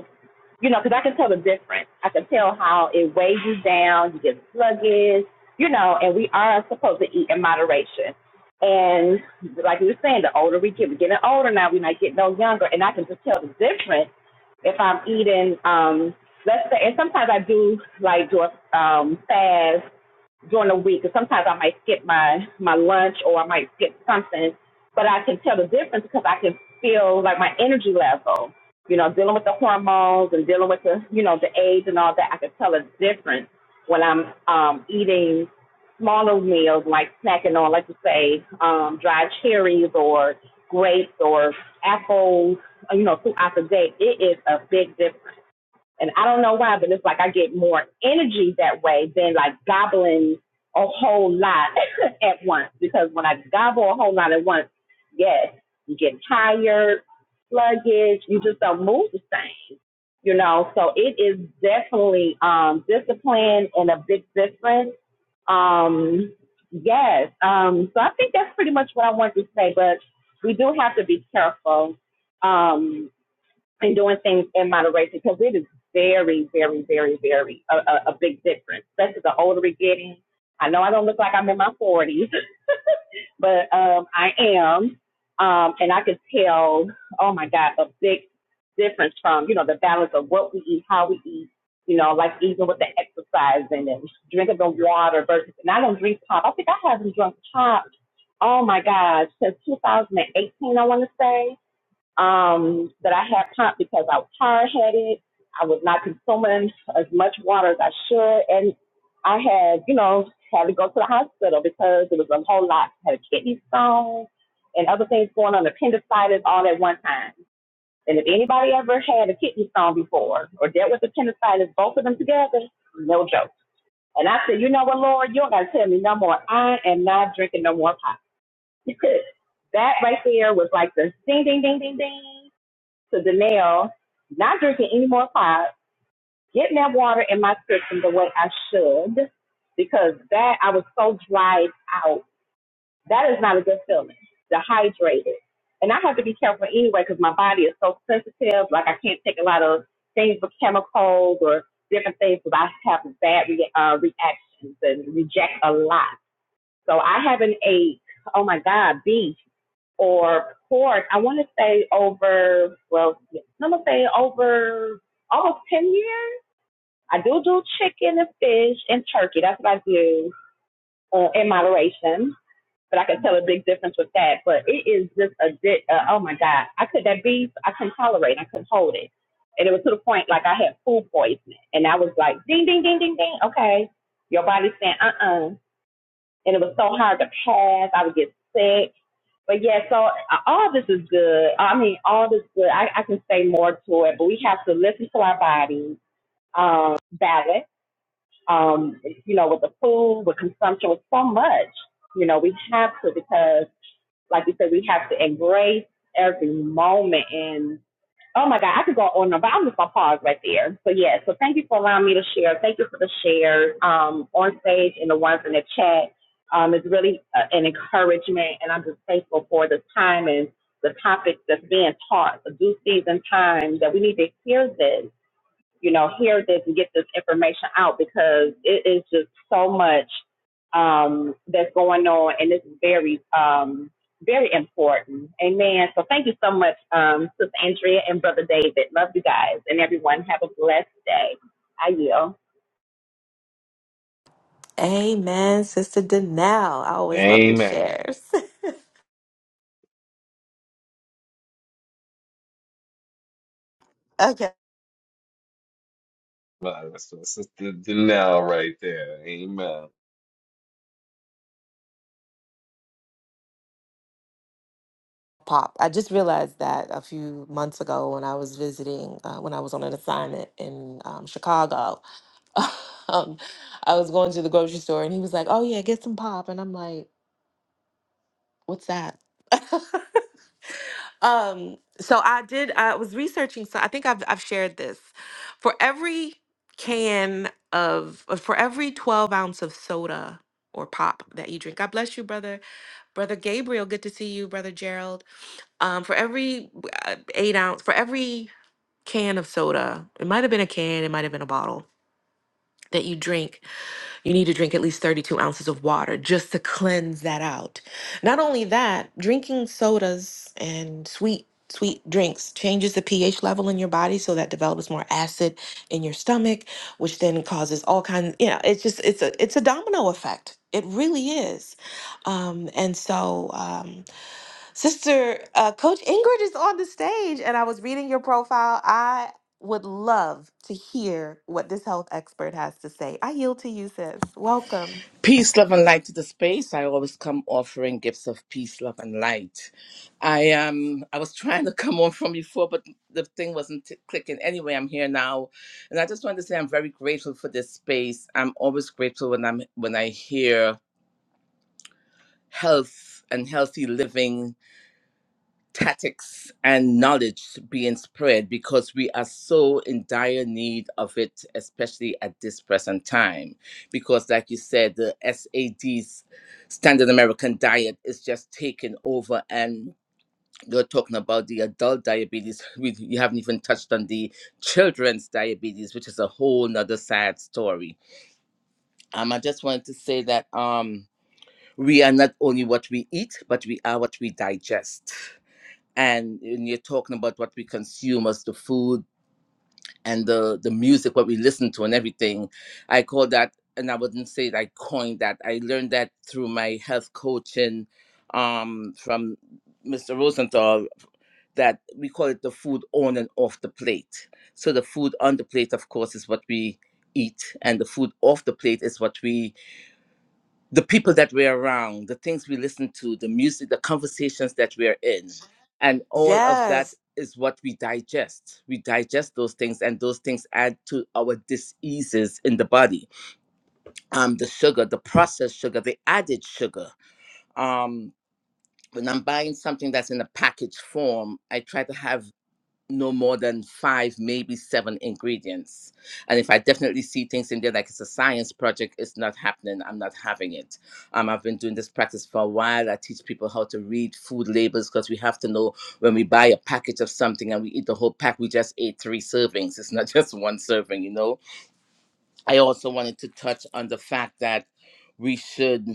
D: you know, because I can tell the difference. I can tell how it weighs you down, you get sluggish, you know, and we are supposed to eat in moderation. And like you were saying, the older we get, we're getting older now, we're not getting no younger, and I can just tell the difference if I'm eating, um, let's say, and sometimes I do like do a um, fast during the week. Because sometimes I might skip my my lunch or I might skip something, but I can tell the difference because I can feel like my energy level. You know, dealing with the hormones and dealing with the you know the age and all that, I can tell a difference when I'm um eating smaller meals, like snacking on, like you say, um, dried cherries or grapes or apples, you know, throughout the day. It is a big difference. And I don't know why, but it's like I get more energy that way than like gobbling a whole lot at once. Because when I gobble a whole lot at once, yes, you get tired, sluggish, you just don't move the same. You know, so it is definitely um discipline and a big difference. Um yes. Um so I think that's pretty much what I wanted to say, but we do have to be careful. Um and doing things in moderation because it is very, very, very, very a, a, a big difference, especially the older we're getting. I know I don't look like I'm in my 40s, but um, I am. Um, and I can tell, oh my God, a big difference from, you know, the balance of what we eat, how we eat, you know, like even with the exercising and drinking the water versus, and I don't drink pop. I think I haven't drunk pop, oh my gosh, since 2018, I want to say um, that I had pumped because I was hard headed. I was not consuming as much water as I should. And I had, you know, had to go to the hospital because it was a whole lot. I had a kidney stone and other things going on, appendicitis all at one time. And if anybody ever had a kidney stone before or dealt with appendicitis, both of them together, no joke. And I said, you know what, Lord, you don't got to tell me no more. I am not drinking no more pop. that right there was like the ding, ding, ding, ding, ding to Danielle, not drinking any more pop, getting that water in my system the way I should, because that I was so dried out. That is not a good feeling. Dehydrated. And I have to be careful anyway because my body is so sensitive. Like I can't take a lot of things with chemicals or different things because I have bad re- uh, reactions and reject a lot. So I haven't ate, oh my God, beef or pork, I want to say over, well, I'm going to say over almost 10 years. I do do chicken and fish and turkey. That's what I do uh, in moderation. But I can tell a big difference with that. But it is just a bit, uh, oh my God. I could, that beef, I couldn't tolerate. I couldn't hold it. And it was to the point like I had food poisoning. And I was like, ding, ding, ding, ding, ding. Okay. Your body's saying, uh uh-uh, uh, and it was so hard to pass. I would get sick. But yeah, so uh, all this is good. I mean, all this good. I, I can say more to it, but we have to listen to our bodies, um, balance, um, you know, with the food, with consumption, with so much. You know, we have to because like you said, we have to embrace every moment. And oh my God, I could go on, but I'm just gonna pause right there. So yeah, so thank you for allowing me to share. Thank you for the shares um, on stage and the ones in the chat. Um, it's really uh, an encouragement, and I'm just thankful for the time and the topic that's being taught, the due season time that we need to hear this you know, hear this and get this information out because it is just so much um, that's going on and it's very, um, very important. Amen. So thank you so much, um, Sister Andrea and Brother David. Love you guys and everyone. Have a blessed day. I yield.
A: Amen, Sister Danelle. I always love your
B: Amen.
A: shares. okay.
B: Wow, that's my sister Janelle right there. Amen.
A: Pop. I just realized that a few months ago when I was visiting, uh, when I was on an assignment in um, Chicago, um, I was going to the grocery store and he was like, "Oh yeah, get some pop," and I'm like, "What's that?" Um, so I did. I was researching. So I think I've I've shared this. For every can of uh, for every twelve ounce of soda or pop that you drink, God bless you, brother. Brother Gabriel, good to see you, brother Gerald. Um, for every uh, eight ounce, for every can of soda, it might have been a can, it might have been a bottle that you drink. You need to drink at least 32 ounces of water just to cleanse that out. Not only that, drinking sodas and sweet sweet drinks changes the pH level in your body so that develops more acid in your stomach, which then causes all kinds, you know, it's just it's a it's a domino effect. It really is. Um and so um Sister, uh, Coach Ingrid is on the stage, and I was reading your profile. I would love to hear what this health expert has to say. I yield to you, sis. Welcome.
E: Peace, love, and light to the space. I always come offering gifts of peace, love, and light. I um, I was trying to come on from before, but the thing wasn't t- clicking. Anyway, I'm here now, and I just wanted to say I'm very grateful for this space. I'm always grateful when I'm when I hear health and healthy living tactics and knowledge being spread because we are so in dire need of it, especially at this present time. Because, like you said, the SAD's standard American diet is just taking over and you're talking about the adult diabetes. We, you haven't even touched on the children's diabetes, which is a whole nother sad story. Um, I just wanted to say that um, we are not only what we eat, but we are what we digest and, and you're talking about what we consume as the food and the the music what we listen to and everything i call that and i wouldn't say that i coined that i learned that through my health coaching um from mr rosenthal that we call it the food on and off the plate so the food on the plate of course is what we eat and the food off the plate is what we the people that we're around, the things we listen to, the music, the conversations that we're in. And all of that
A: Yes.
E: is what we digest. We digest those things, and those things add to our diseases in the body. Um, the sugar, the processed sugar, the added sugar. Um, when I'm buying something that's in a packaged form, I try to have no more than five, maybe seven ingredients. And if I definitely see things in there like it's a science project, it's not happening. I'm not having it. Um, I've been doing this practice for a while. I teach people how to read food labels because we have to know when we buy a package of something and we eat the whole pack, we just ate three servings. It's not just one serving, you know. I also wanted to touch on the fact that we should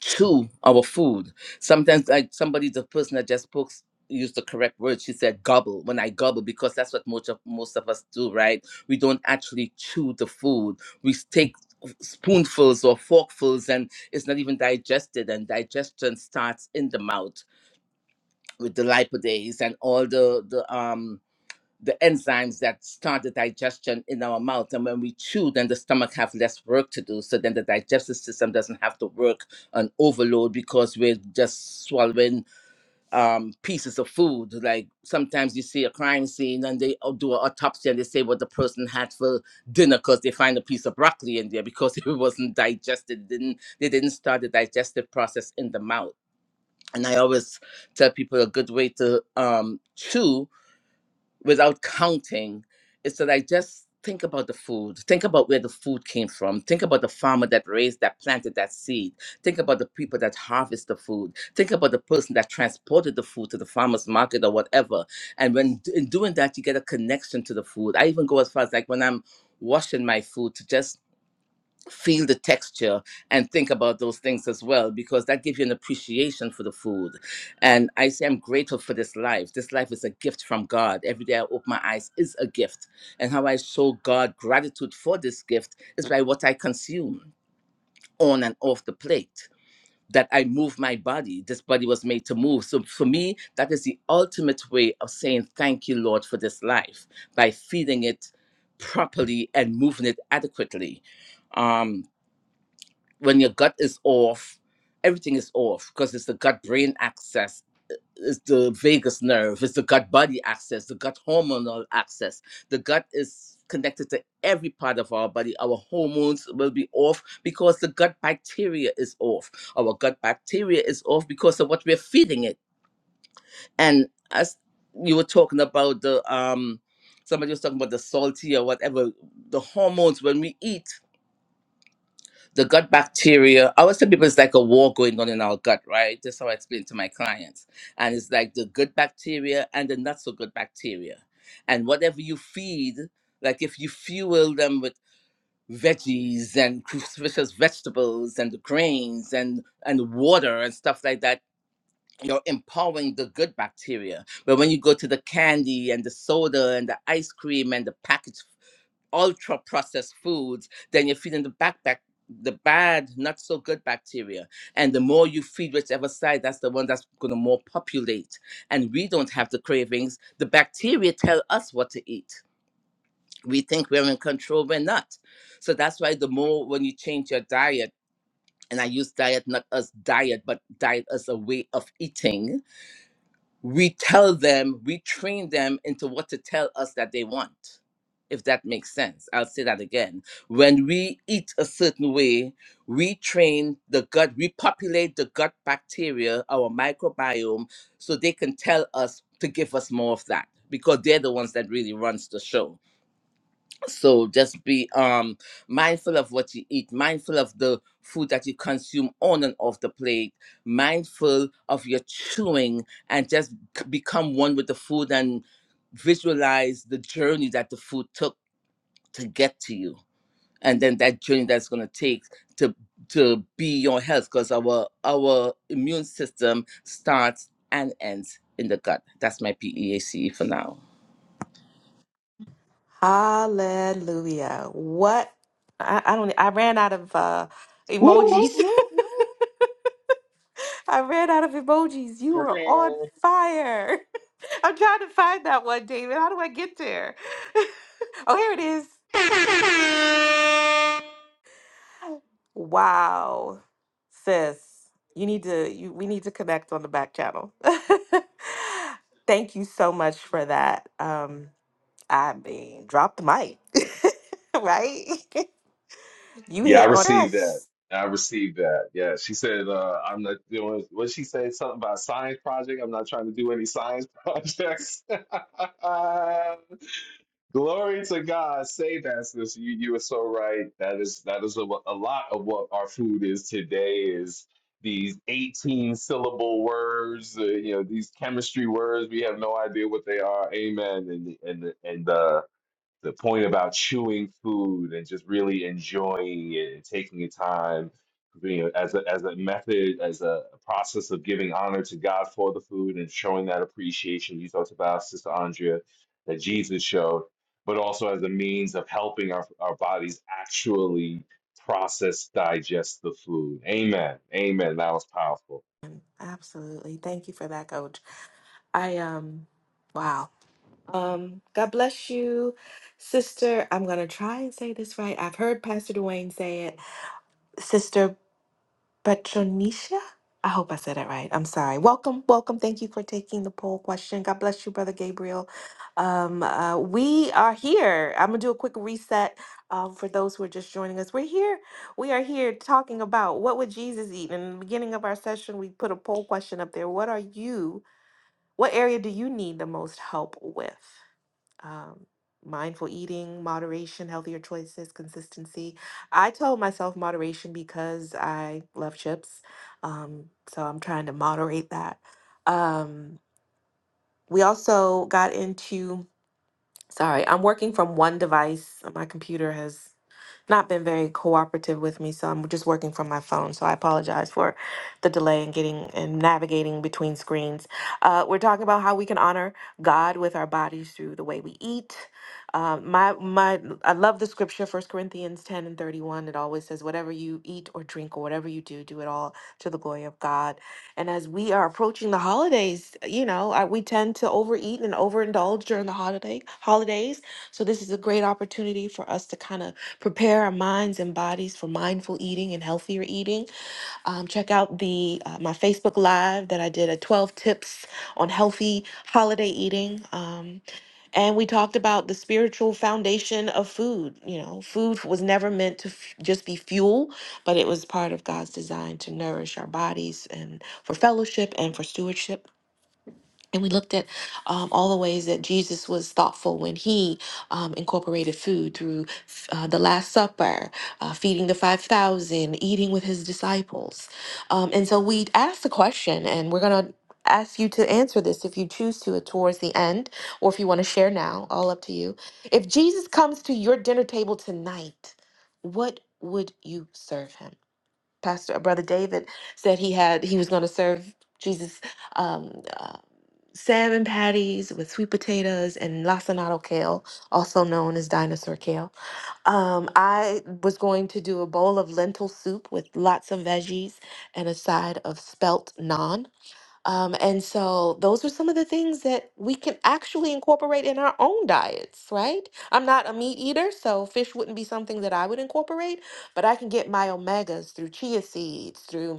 E: to our food. Sometimes like somebody, the person that just spoke used the correct word. She said gobble when I gobble because that's what most of most of us do, right? We don't actually chew the food. We take spoonfuls or forkfuls and it's not even digested and digestion starts in the mouth with the lipase and all the the um the enzymes that start the digestion in our mouth. And when we chew, then the stomach have less work to do. So then the digestive system doesn't have to work on overload because we're just swallowing um, pieces of food. Like sometimes you see a crime scene and they au- do an autopsy and they say what the person had for dinner because they find a piece of broccoli in there because it wasn't digested. Didn't they didn't start the digestive process in the mouth. And I always tell people a good way to um, chew without counting is that I just think about the food, think about where the food came from, think about the farmer that raised, that planted that seed, think about the people that harvest the food, think about the person that transported the food to the farmer's market or whatever. And when d- in doing that, you get a connection to the food. I even go as far as like when I'm washing my food to just feel the texture and think about those things as well because that gives you an appreciation for the food and i say i'm grateful for this life this life is a gift from god every day i open my eyes is a gift and how i show god gratitude for this gift is by what i consume on and off the plate that i move my body this body was made to move so for me that is the ultimate way of saying thank you lord for this life by feeding it properly and moving it adequately um when your gut is off, everything is off because it's the gut brain access, it's the vagus nerve, it's the gut body access, the gut hormonal access. The gut is connected to every part of our body. Our hormones will be off because the gut bacteria is off. Our gut bacteria is off because of what we're feeding it. And as you were talking about the um somebody was talking about the salty or whatever, the hormones when we eat the gut bacteria. I always tell people it's like a war going on in our gut, right? That's how I explain to my clients. And it's like the good bacteria and the not so good bacteria. And whatever you feed, like if you fuel them with veggies and cruciferous vegetables and grains and and water and stuff like that you're empowering the good bacteria but when you go to the candy and the soda and the ice cream and the packaged ultra processed foods, then you're feeding the back, back the bad, not so good bacteria. And the more you feed whichever side, that's the one that's going to more populate. And we don't have the cravings. The bacteria tell us what to eat. We think we're in control, we're not. So that's why the more when you change your diet, and I use diet not as diet, but diet as a way of eating, we tell them, we train them into what to tell us that they want, if that makes sense. I'll say that again. When we eat a certain way, we train the gut, we populate the gut bacteria, our microbiome, so they can tell us to give us more of that because they're the ones that really runs the show so just be um mindful of what you eat, mindful of the food that you consume on and off the plate, mindful of your chewing, and just c- become one with the food and visualize the journey that the food took to get to you, and then that journey that's gonna take to to be your health, because our our immune system starts and ends in the gut. That's my P E A C E for now.
A: Hallelujah. What? I, I don't. e, I ran out of uh,
B: Woo, woo,
A: emojis.
B: woo, woo.
A: I ran out of emojis. You were on
B: Meow.
A: fire. I'm trying to find that one, David. How do I get there? oh, here it is. Wow, sis, you need to you we need to connect on the back channel. Thank you so much for that. Um, I mean, drop the mic, right? you
B: Yeah, I
A: hit on
B: received that.
A: yes,
B: I received that. Yeah, she said, uh, I'm not doing what she said, something about a science project. I'm not trying to do any science projects. Glory to God. Save us. This you you are so right. That is that is a, a lot of what our food is today is these 18 syllable words, uh, you know, these chemistry words. We have no idea what they are. Amen. And and and uh the point about chewing food and just really enjoying it and taking your time you know, as a, as a method as a process of giving honor to God for the food and showing that appreciation you talked about sister Andrea that Jesus showed but also as a means of helping our, our bodies actually process digest the food amen amen that was powerful
A: absolutely. Thank you for that, Coach. I um, wow. Um, God bless you, sister. I'm gonna try and say this right. I've heard Pastor Dwayne say it, sister Patronisha? I hope I said it right. I'm sorry. Welcome, welcome. Thank you for taking the poll question. God bless you, Brother Gabriel. Um, uh, we are here. I'm gonna do a quick reset um, for those who are just joining us. We're here. We are here talking about what would Jesus eat. And in the beginning of our session, we put a poll question up there. What are you? What area do you need the most help with? um, mindful eating, moderation, healthier choices, consistency. I told myself moderation because I love chips. Um, so I'm trying to moderate that. Um, we also got into, sorry, I'm working from one device. My computer has not been very cooperative with me, so I'm just working from my phone. So I apologize for the delay in getting and navigating between screens. Uh, we're talking about how we can honor God with our bodies through the way we eat. Uh, my my, I love the scripture, First Corinthians ten and thirty one. It always says, "Whatever you eat or drink or whatever you do, do it all to the glory of God." And as we are approaching the holidays, you know, I, we tend to overeat and overindulge during the holiday holidays. So this is a great opportunity for us to kind of prepare our minds and bodies for mindful eating and healthier eating. Um, check out the uh, my Facebook Live that I did a 12 tips on healthy holiday eating. Um, and we talked about the spiritual foundation of food. You know, food was never meant to f- just be fuel, but it was part of God's design to nourish our bodies and for fellowship and for stewardship. And we looked at um, all the ways that Jesus was thoughtful when he um, incorporated food through uh, the Last Supper, uh, feeding the 5,000, eating with his disciples. Um, and so we asked the question, and we're going to ask you to answer this if you choose to uh, towards the end, or if you want to share now, all up to you. If Jesus comes to your dinner table tonight, what would you serve him? Pastor, uh, Brother David said he had he was going to serve Jesus. Um, uh, salmon patties with sweet potatoes and lacinato kale, also known as dinosaur kale. Um, I was going to do a bowl of lentil soup with lots of veggies and a side of spelt naan. Um, and so those are some of the things that we can actually incorporate in our own diets, right? I'm not a meat eater, so fish wouldn't be something that I would incorporate, but I can get my omegas through chia seeds, through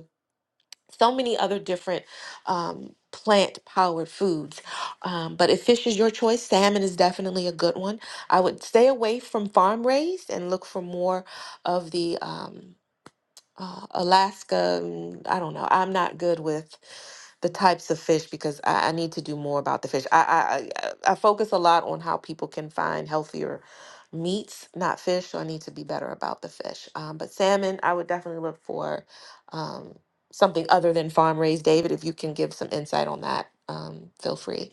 A: so many other different um, plant powered foods. Um, but if fish is your choice, salmon is definitely a good one. I would stay away from farm raised and look for more of the. Um, uh, Alaska. mm, I don't know. I'm not good with the types of fish because I, I need to do more about the fish. I, I I I focus a lot on how people can find healthier meats, not fish. So I need to be better about the fish. Um, but salmon, I would definitely look for um, something other than farm raised. David, if you can give some insight on that, um, feel free.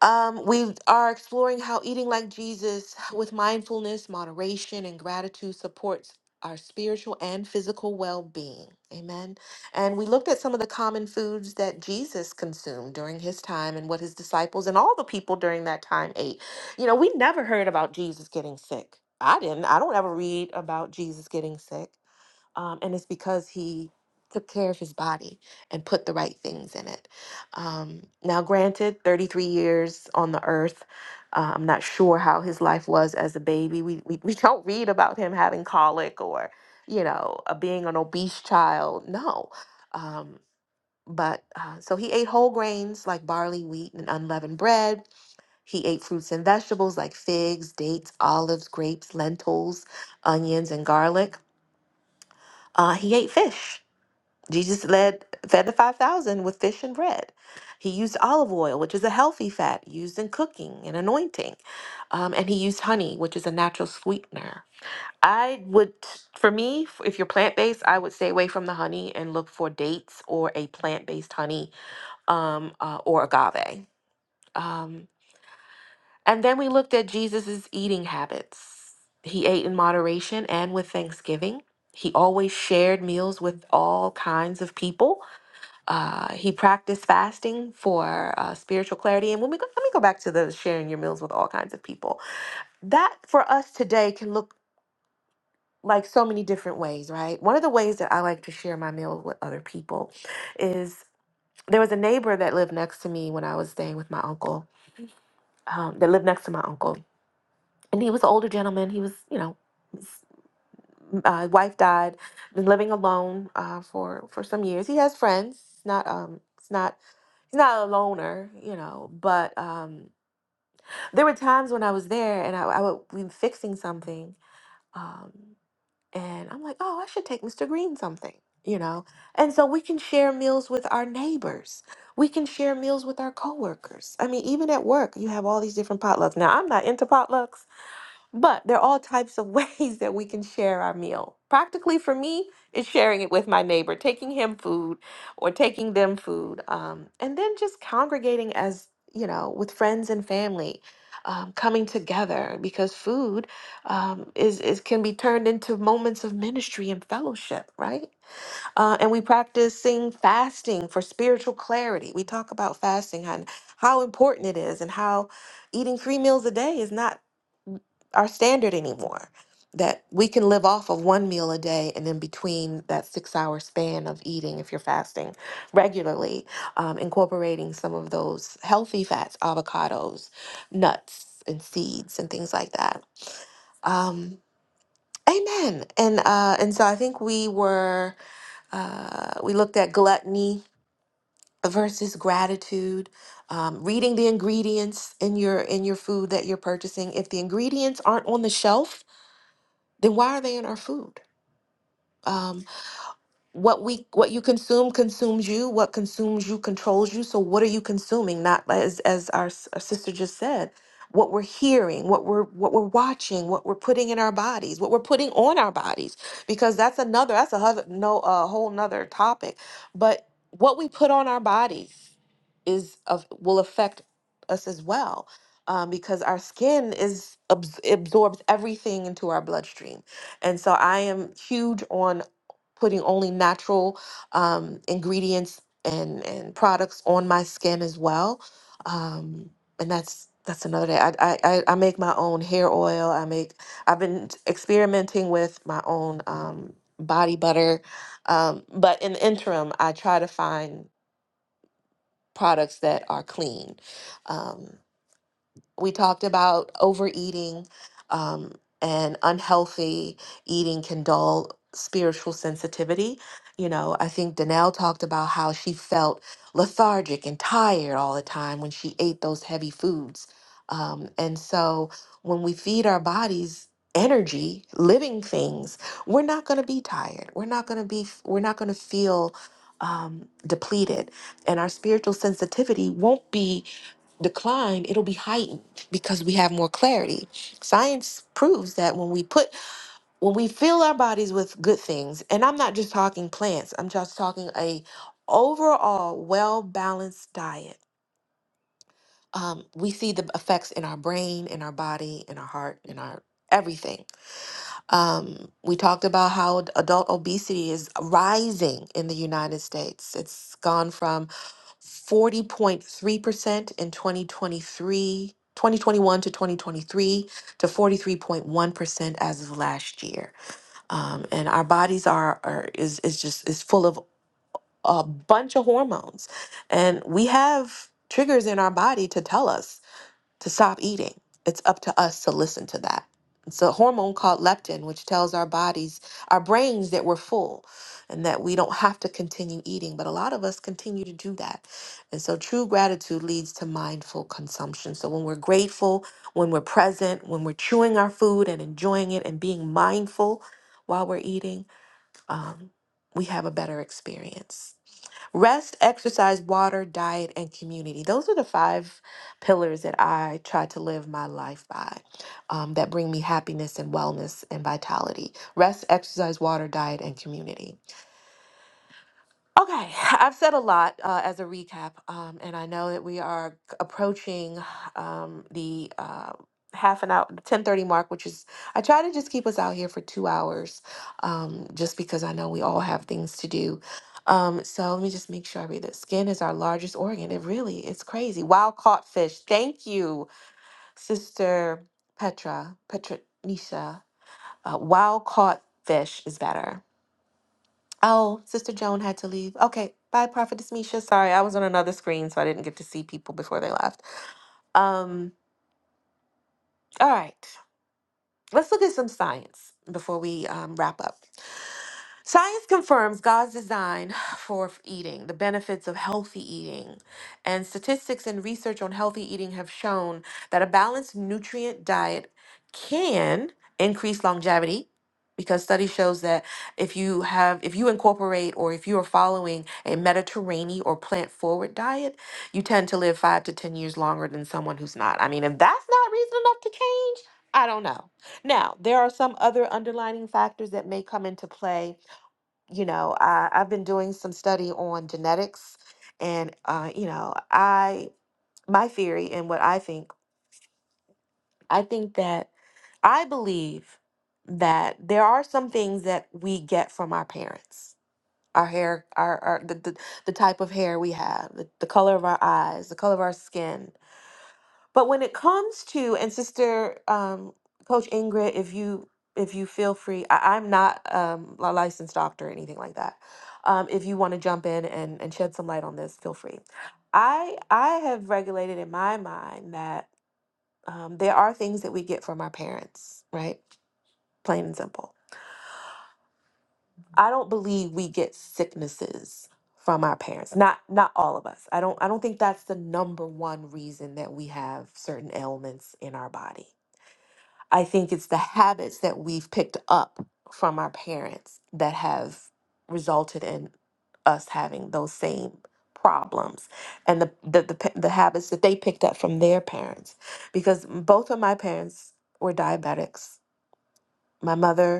A: Um, we are exploring how eating like Jesus with mindfulness, moderation, and gratitude supports our spiritual and physical well being. Amen. And we looked at some of the common foods that Jesus consumed during his time and what his disciples and all the people during that time ate. You know, we never heard about Jesus getting sick. I didn't. I don't ever read about Jesus getting sick um, and it's because he took care of his body and put the right things in it. Um, now, granted, 33 years on the earth, uh, I'm not sure how his life was as a baby. We, we, we don't read about him having colic or, you know, uh, being an obese child. No. Um, but uh, so he ate whole grains like barley, wheat, and unleavened bread. He ate fruits and vegetables like figs, dates, olives, grapes, lentils, onions, and garlic. Uh, he ate fish Jesus led fed the 5000 with fish and bread. He used olive oil, which is a healthy fat used in cooking and anointing. Um, and he used honey, which is a natural sweetener. I would, for me, f- if you're plant based, I would stay away from the honey and look for dates or a plant based honey um, uh, or agave. Um, and then we looked at Jesus's eating habits. He ate in moderation and with thanksgiving. He always shared meals with all kinds of people uh, he practiced fasting for uh, spiritual clarity. And when we go, let me go back to the sharing your meals with all kinds of people. That for us today can look like so many different ways, right? One of the ways that I like to share my meals with other people is there was a neighbor that lived next to me when I was staying with my uncle, um, that lived next to my uncle. And he was an older gentleman. He was, you know, Uh, wife died. Been living alone uh, for for some years. He has friends. It's not um. It's not. He's not a loner, you know. But um, there were times when I was there and I, I would be fixing something, um, and I'm like, oh, I should take Mr. Green something, you know. And so we can share meals with our neighbors. We can share meals with our coworkers. I mean, even at work, you have all these different potlucks. Now, I'm not into potlucks but there are all types of ways that we can share our meal. Practically for me, is sharing it with my neighbor, taking him food or taking them food, um, and then just congregating as, you know, with friends and family, um, coming together because food um, is, is can be turned into moments of ministry and fellowship, right? Uh, and we practicing fasting for spiritual clarity. We talk about fasting and how important it is and how eating three meals a day is not our standard anymore. That we can live off of one meal a day and in between that six hour span of eating, if you're fasting regularly, um, incorporating some of those healthy fats, avocados, nuts, and seeds, and things like that. Um, amen. And uh, and so I think we were uh, we looked at gluttony versus gratitude. Um, reading the ingredients in your in your food that you're purchasing. If the ingredients aren't on the shelf, then why are they in our food? Um, what we what you consume consumes you what consumes you controls you so what are you consuming not as as our, s- our sister just said what we're hearing what we're what we're watching what we're putting in our bodies what we're putting on our bodies because that's another that's a whole no a whole nother topic but what we put on our bodies is of will affect us as well um, because our skin is abs- absorbs everything into our bloodstream and so i am huge on putting only natural um, ingredients and and products on my skin as well. Um, and that's that's another day. I, I I I make my own hair oil. I make I've been experimenting with my own um, body butter. Um, but in the interim, I try to find products that are clean. Um, we talked about overeating um, and unhealthy eating can dull spiritual sensitivity. You know, I think Danelle talked about how she felt lethargic and tired all the time when she ate those heavy foods. Um, and so when we feed our bodies energy, living things, we're not going to be tired. We're not going to be, we're not going to feel um, depleted. And our spiritual sensitivity won't be decline, it'll be heightened because we have more clarity. Science proves that when we put when we fill our bodies with good things, and I'm not just talking plants, I'm just talking a overall well-balanced diet. Um, we see the effects in our brain, in our body, in our heart, in our everything. Um, we talked about how ad- adult obesity is rising in the United States. It's gone from 40.3% in twenty twenty-three, twenty three, twenty twenty one to 2023 to 43.1% as of last year. Um, and our bodies are, are is, is just is full of a bunch of hormones. And we have triggers in our body to tell us to stop eating. It's up to us to listen to that. It's a hormone called leptin, which tells our bodies, our brains that we're full and that we don't have to continue eating. But a lot of us continue to do that. And so true gratitude leads to mindful consumption. So when we're grateful, when we're present, when we're chewing our food and enjoying it and being mindful while we're eating, um, we have a better experience. Rest, exercise, water, diet, and community. Those are the five pillars that I try to live my life by um, that bring me happiness and wellness and vitality. Rest, exercise, water, diet, and community. Okay, I've said a lot uh, as a recap, um, and I know that we are c- approaching um, the uh, half an hour, ten thirty mark, which is I try to just keep us out here for two hours, um, just because I know we all have things to do. Um, so let me just make sure I read that. Skin is our largest organ. It really, it's crazy. Wild caught fish. Thank you, Sister Petra, Petra Nisha. Uh, wild caught fish is better. Oh, Sister Joan had to leave. Okay, bye, Prophetess Misha. Sorry, I was on another screen, so I didn't get to see people before they left. Um, all right. Let's look at some science before we um, wrap up. Science confirms God's design for eating, the benefits of healthy eating. And statistics and research on healthy eating have shown that a balanced nutrient diet can increase longevity because study shows that if you have if you incorporate or if you are following a mediterranean or plant forward diet you tend to live 5 to 10 years longer than someone who's not i mean if that's not reason enough to change i don't know now, there are some other underlining factors that may come into play. You know, I, I've been doing some study on genetics, and uh, you know, I my theory and what I think, I think that I believe that there are some things that we get from our parents. Our hair, our, our the, the, the type of hair we have, the, the color of our eyes, the color of our skin, But when it comes to and sister um, Coach Ingrid, if you if you feel free, I, I'm not um, a licensed doctor or anything like that. Um, if you want to jump in and, and shed some light on this, feel free. I I have regulated in my mind that um, there are things that we get from our parents, right? Plain and simple. I don't believe we get sicknesses from our parents. Not not all of us. I don't I don't think that's the number one reason that we have certain ailments in our body. I think it's the habits that we've picked up from our parents that have resulted in us having those same problems and the the, the pa- the habits that they picked up from their parents because both of my parents were diabetics. My mother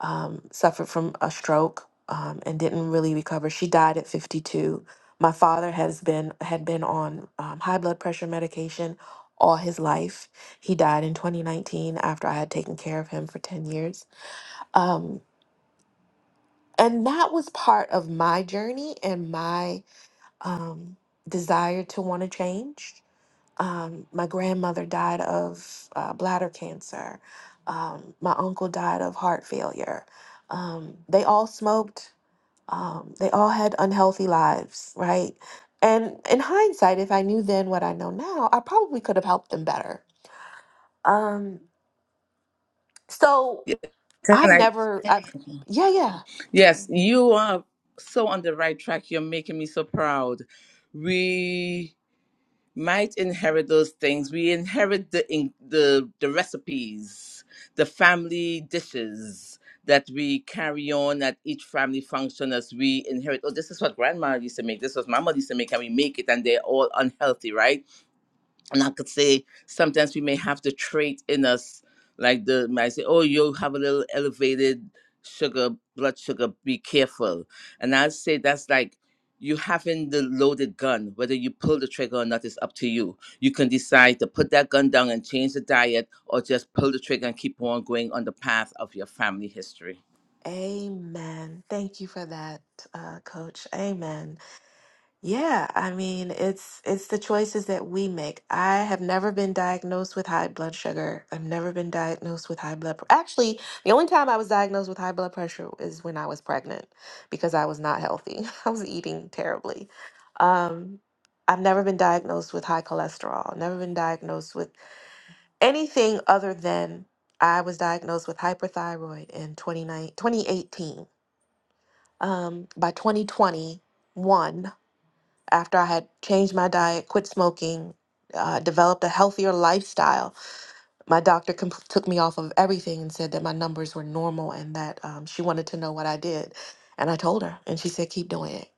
A: um, suffered from a stroke um, and didn't really recover. She died at 52. My father has been had been on um, high blood pressure medication all his life. He died in 2019 after I had taken care of him for 10 years. Um, and that was part of my journey and my um, desire to want to change. Um, my grandmother died of uh, bladder cancer. Um, my uncle died of heart failure. Um, they all smoked um, they all had unhealthy lives, right? And in hindsight, if I knew then what I know now, I probably could have helped them better. Um, so
E: Yeah. Can
A: I
E: I?
A: never, I, Amen. yeah, yeah.
E: Yes, you are so on the right track. You're making me so proud. We might inherit those things. We inherit the in, the the recipes, the family dishes that we carry on at each family function as we inherit. Oh, this is what grandma used to make. This was mama used to make, and we make it, and they're all unhealthy, right? and I could say sometimes we may have the trait in us, like the might say, "Oh, you have a little elevated sugar, blood sugar. Be careful." And I say that's like you having the loaded gun. Whether you pull the trigger or not is up to you. You can decide to put that gun down and change the diet, or just pull the trigger and keep on going on the path of your family history.
A: Amen. Thank you for that, uh, Coach. Amen. Yeah, I mean, it's it's the choices that we make. I have never been diagnosed with high blood sugar. I've never been diagnosed with high blood pr- Actually, the only time I was diagnosed with high blood pressure is when I was pregnant because I was not healthy. I was eating terribly. Um, I've never been diagnosed with high cholesterol. Never been diagnosed with anything other than I was diagnosed with hyperthyroid in 29, 2018. Um, by 2021, after I had changed my diet, quit smoking, uh, developed a healthier lifestyle, my doctor comp- took me off of everything and said that my numbers were normal and that um, she wanted to know what I did. And I told her, and she said, "Keep doing it."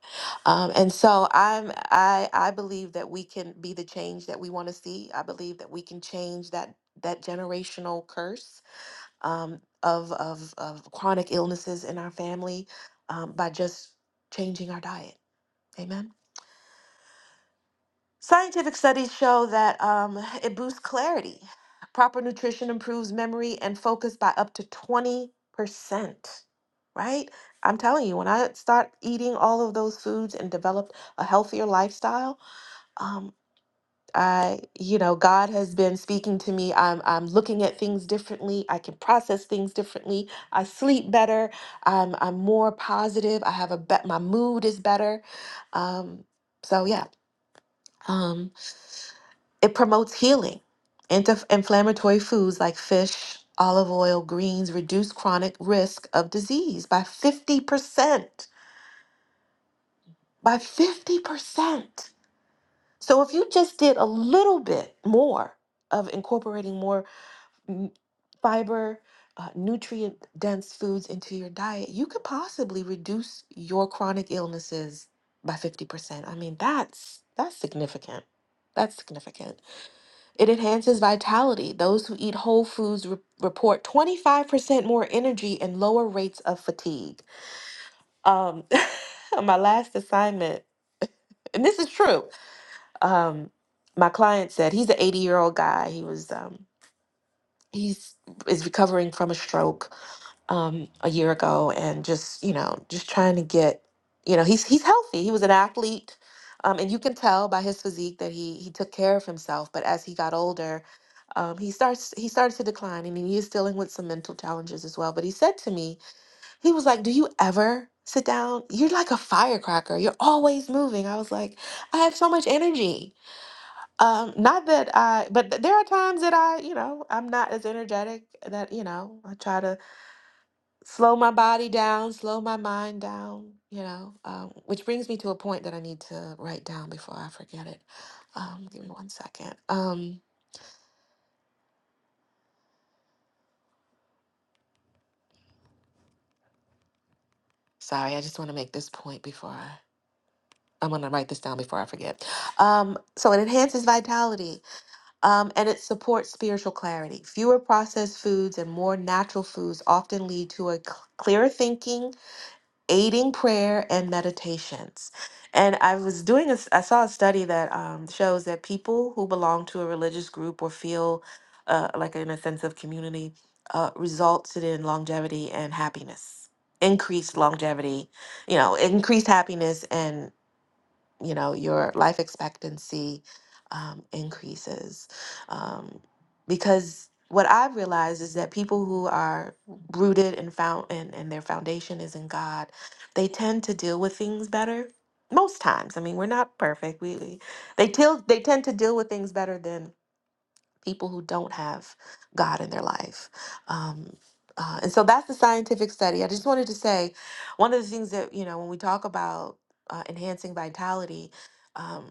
A: Um, and so I'm, I, I believe that we can be the change that we want to see. I believe that we can change that that generational curse um, of, of of chronic illnesses in our family um, by just changing our diet. Amen. Scientific studies show that um, it boosts clarity. Proper nutrition improves memory and focus by up to 20%, right? I'm telling you, when I start eating all of those foods and developed a healthier lifestyle, um, I, you know, God has been speaking to me. I'm, I'm looking at things differently. I can process things differently. I sleep better. I'm, I'm more positive. I have a bet. My mood is better. Um, so yeah. Um, it promotes healing. Anti-inflammatory foods like fish, olive oil, greens reduce chronic risk of disease by 50%. By 50%. So if you just did a little bit more of incorporating more mm, fiber, uh, nutrient dense foods into your diet, you could possibly reduce your chronic illnesses by 50%. I mean, that's that's significant. That's significant. It enhances vitality. Those who eat whole foods re- report 25% more energy and lower rates of fatigue. Um, my last assignment, and this is true. Um, my client said he's an 80 year old guy. He was um, he's is recovering from a stroke um, a year ago, and just you know just trying to get you know he's he's healthy. He was an athlete. Um, and you can tell by his physique that he he took care of himself. But as he got older, um, he starts he started to decline and he is dealing with some mental challenges as well but he said to me he was like do you ever sit down you're like a firecracker you're always moving i was like i have so much energy um not that i but th- there are times that i you know i'm not as energetic that you know i try to slow my body down slow my mind down you know um, which brings me to a point that i need to write down before i forget it um give me one second um sorry i just want to make this point before i I'm gonna write this down before I forget. Um, so it enhances vitality, um, and it supports spiritual clarity. Fewer processed foods and more natural foods often lead to a cl- clearer thinking, aiding prayer and meditations. And I was doing a, s- I saw a study that um, shows that people who belong to a religious group or feel uh, like in a sense of community uh, results in longevity and happiness, increased longevity, you know, increased happiness you know your life expectancy um, increases um, because what i've realized is that people who are rooted and found and, and their foundation is in god they tend to deal with things better most times i mean we're not perfect we, we they till they tend to deal with things better than people who don't have God in their life. Um, uh, and so that's the scientific study. I just wanted to say one of the things that, you know, when we talk about uh, enhancing vitality, um,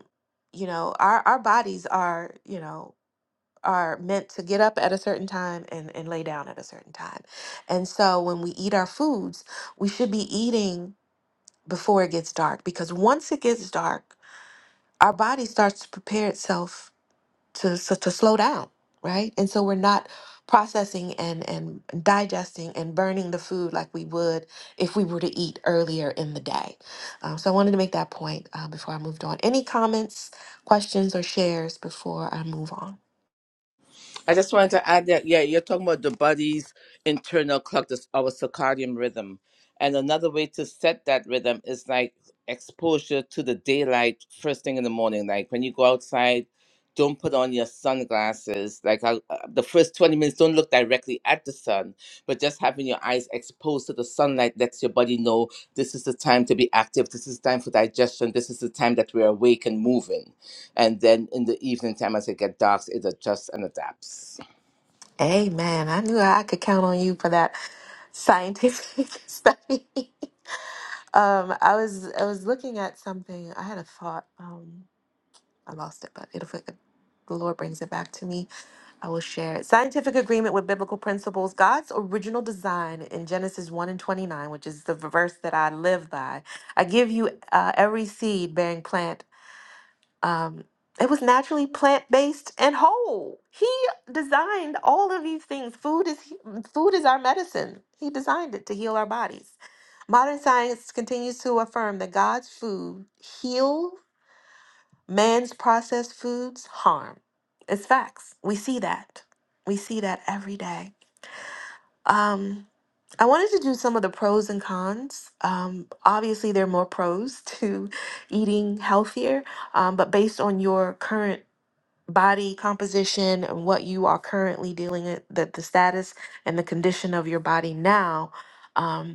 A: you know, our, our bodies are, you know, are meant to get up at a certain time and, and lay down at a certain time. And so when we eat our foods, we should be eating before it gets dark because once it gets dark, our body starts to prepare itself to so to slow down, right? And so we're not processing and and digesting and burning the food like we would if we were to eat earlier in the day. Um, so I wanted to make that point uh, before I moved on. Any comments, questions, or shares before I move on?
E: I just wanted to add that, yeah, you're talking about the body's internal clock, this, our circadian rhythm. And another way to set that rhythm is like exposure to the daylight first thing in the morning. Like when you go outside, don't put on your sunglasses. Like I, uh, the first 20 minutes, don't look directly at the sun, but just having your eyes exposed to the sunlight lets your body know this is the time to be active. This is the time for digestion. This is the time that we're awake and moving and then in the evening time, as it get dark, it adjusts and adapts.
A: Amen. I knew I could count on you for that scientific study. um, I was I was looking at something. I had a thought. Um, I lost it, but it'll the Lord brings it back to me I will share it. Scientific agreement with biblical principles. God's original design in Genesis 1 and 29, which is the verse that I live by. I give you uh, every seed bearing plant. Um, it was naturally plant based and whole. He designed all of these things. Food is food is our medicine. He designed it to heal our bodies. Modern science continues to affirm that God's food heals Man's processed foods harm. It's facts. We see that. We see that every day. Um, I wanted to do some of the pros and cons. Um, obviously, there are more pros to eating healthier, um, but based on your current body composition and what you are currently dealing with, the, the status and the condition of your body now, um,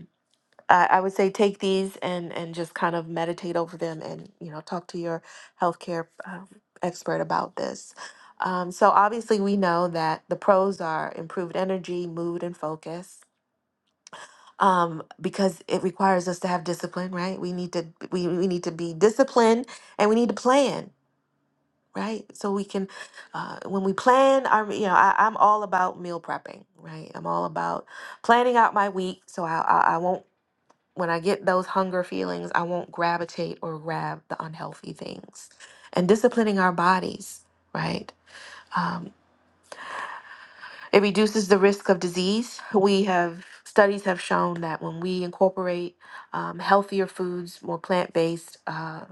A: I, I would say take these and and just kind of meditate over them and you know talk to your healthcare um, expert about this. Um, so obviously we know that the pros are improved energy, mood, and focus. Um, because it requires us to have discipline, right? We need to we, we need to be disciplined and we need to plan, right? So we can uh, when we plan our you know I, I'm all about meal prepping, right? I'm all about planning out my week so I I, I won't when I get those hunger feelings, I won't gravitate or grab the unhealthy things. And disciplining our bodies, right? It reduces the risk of disease. We have studies have shown that when we incorporate um, healthier foods, more plant based uh,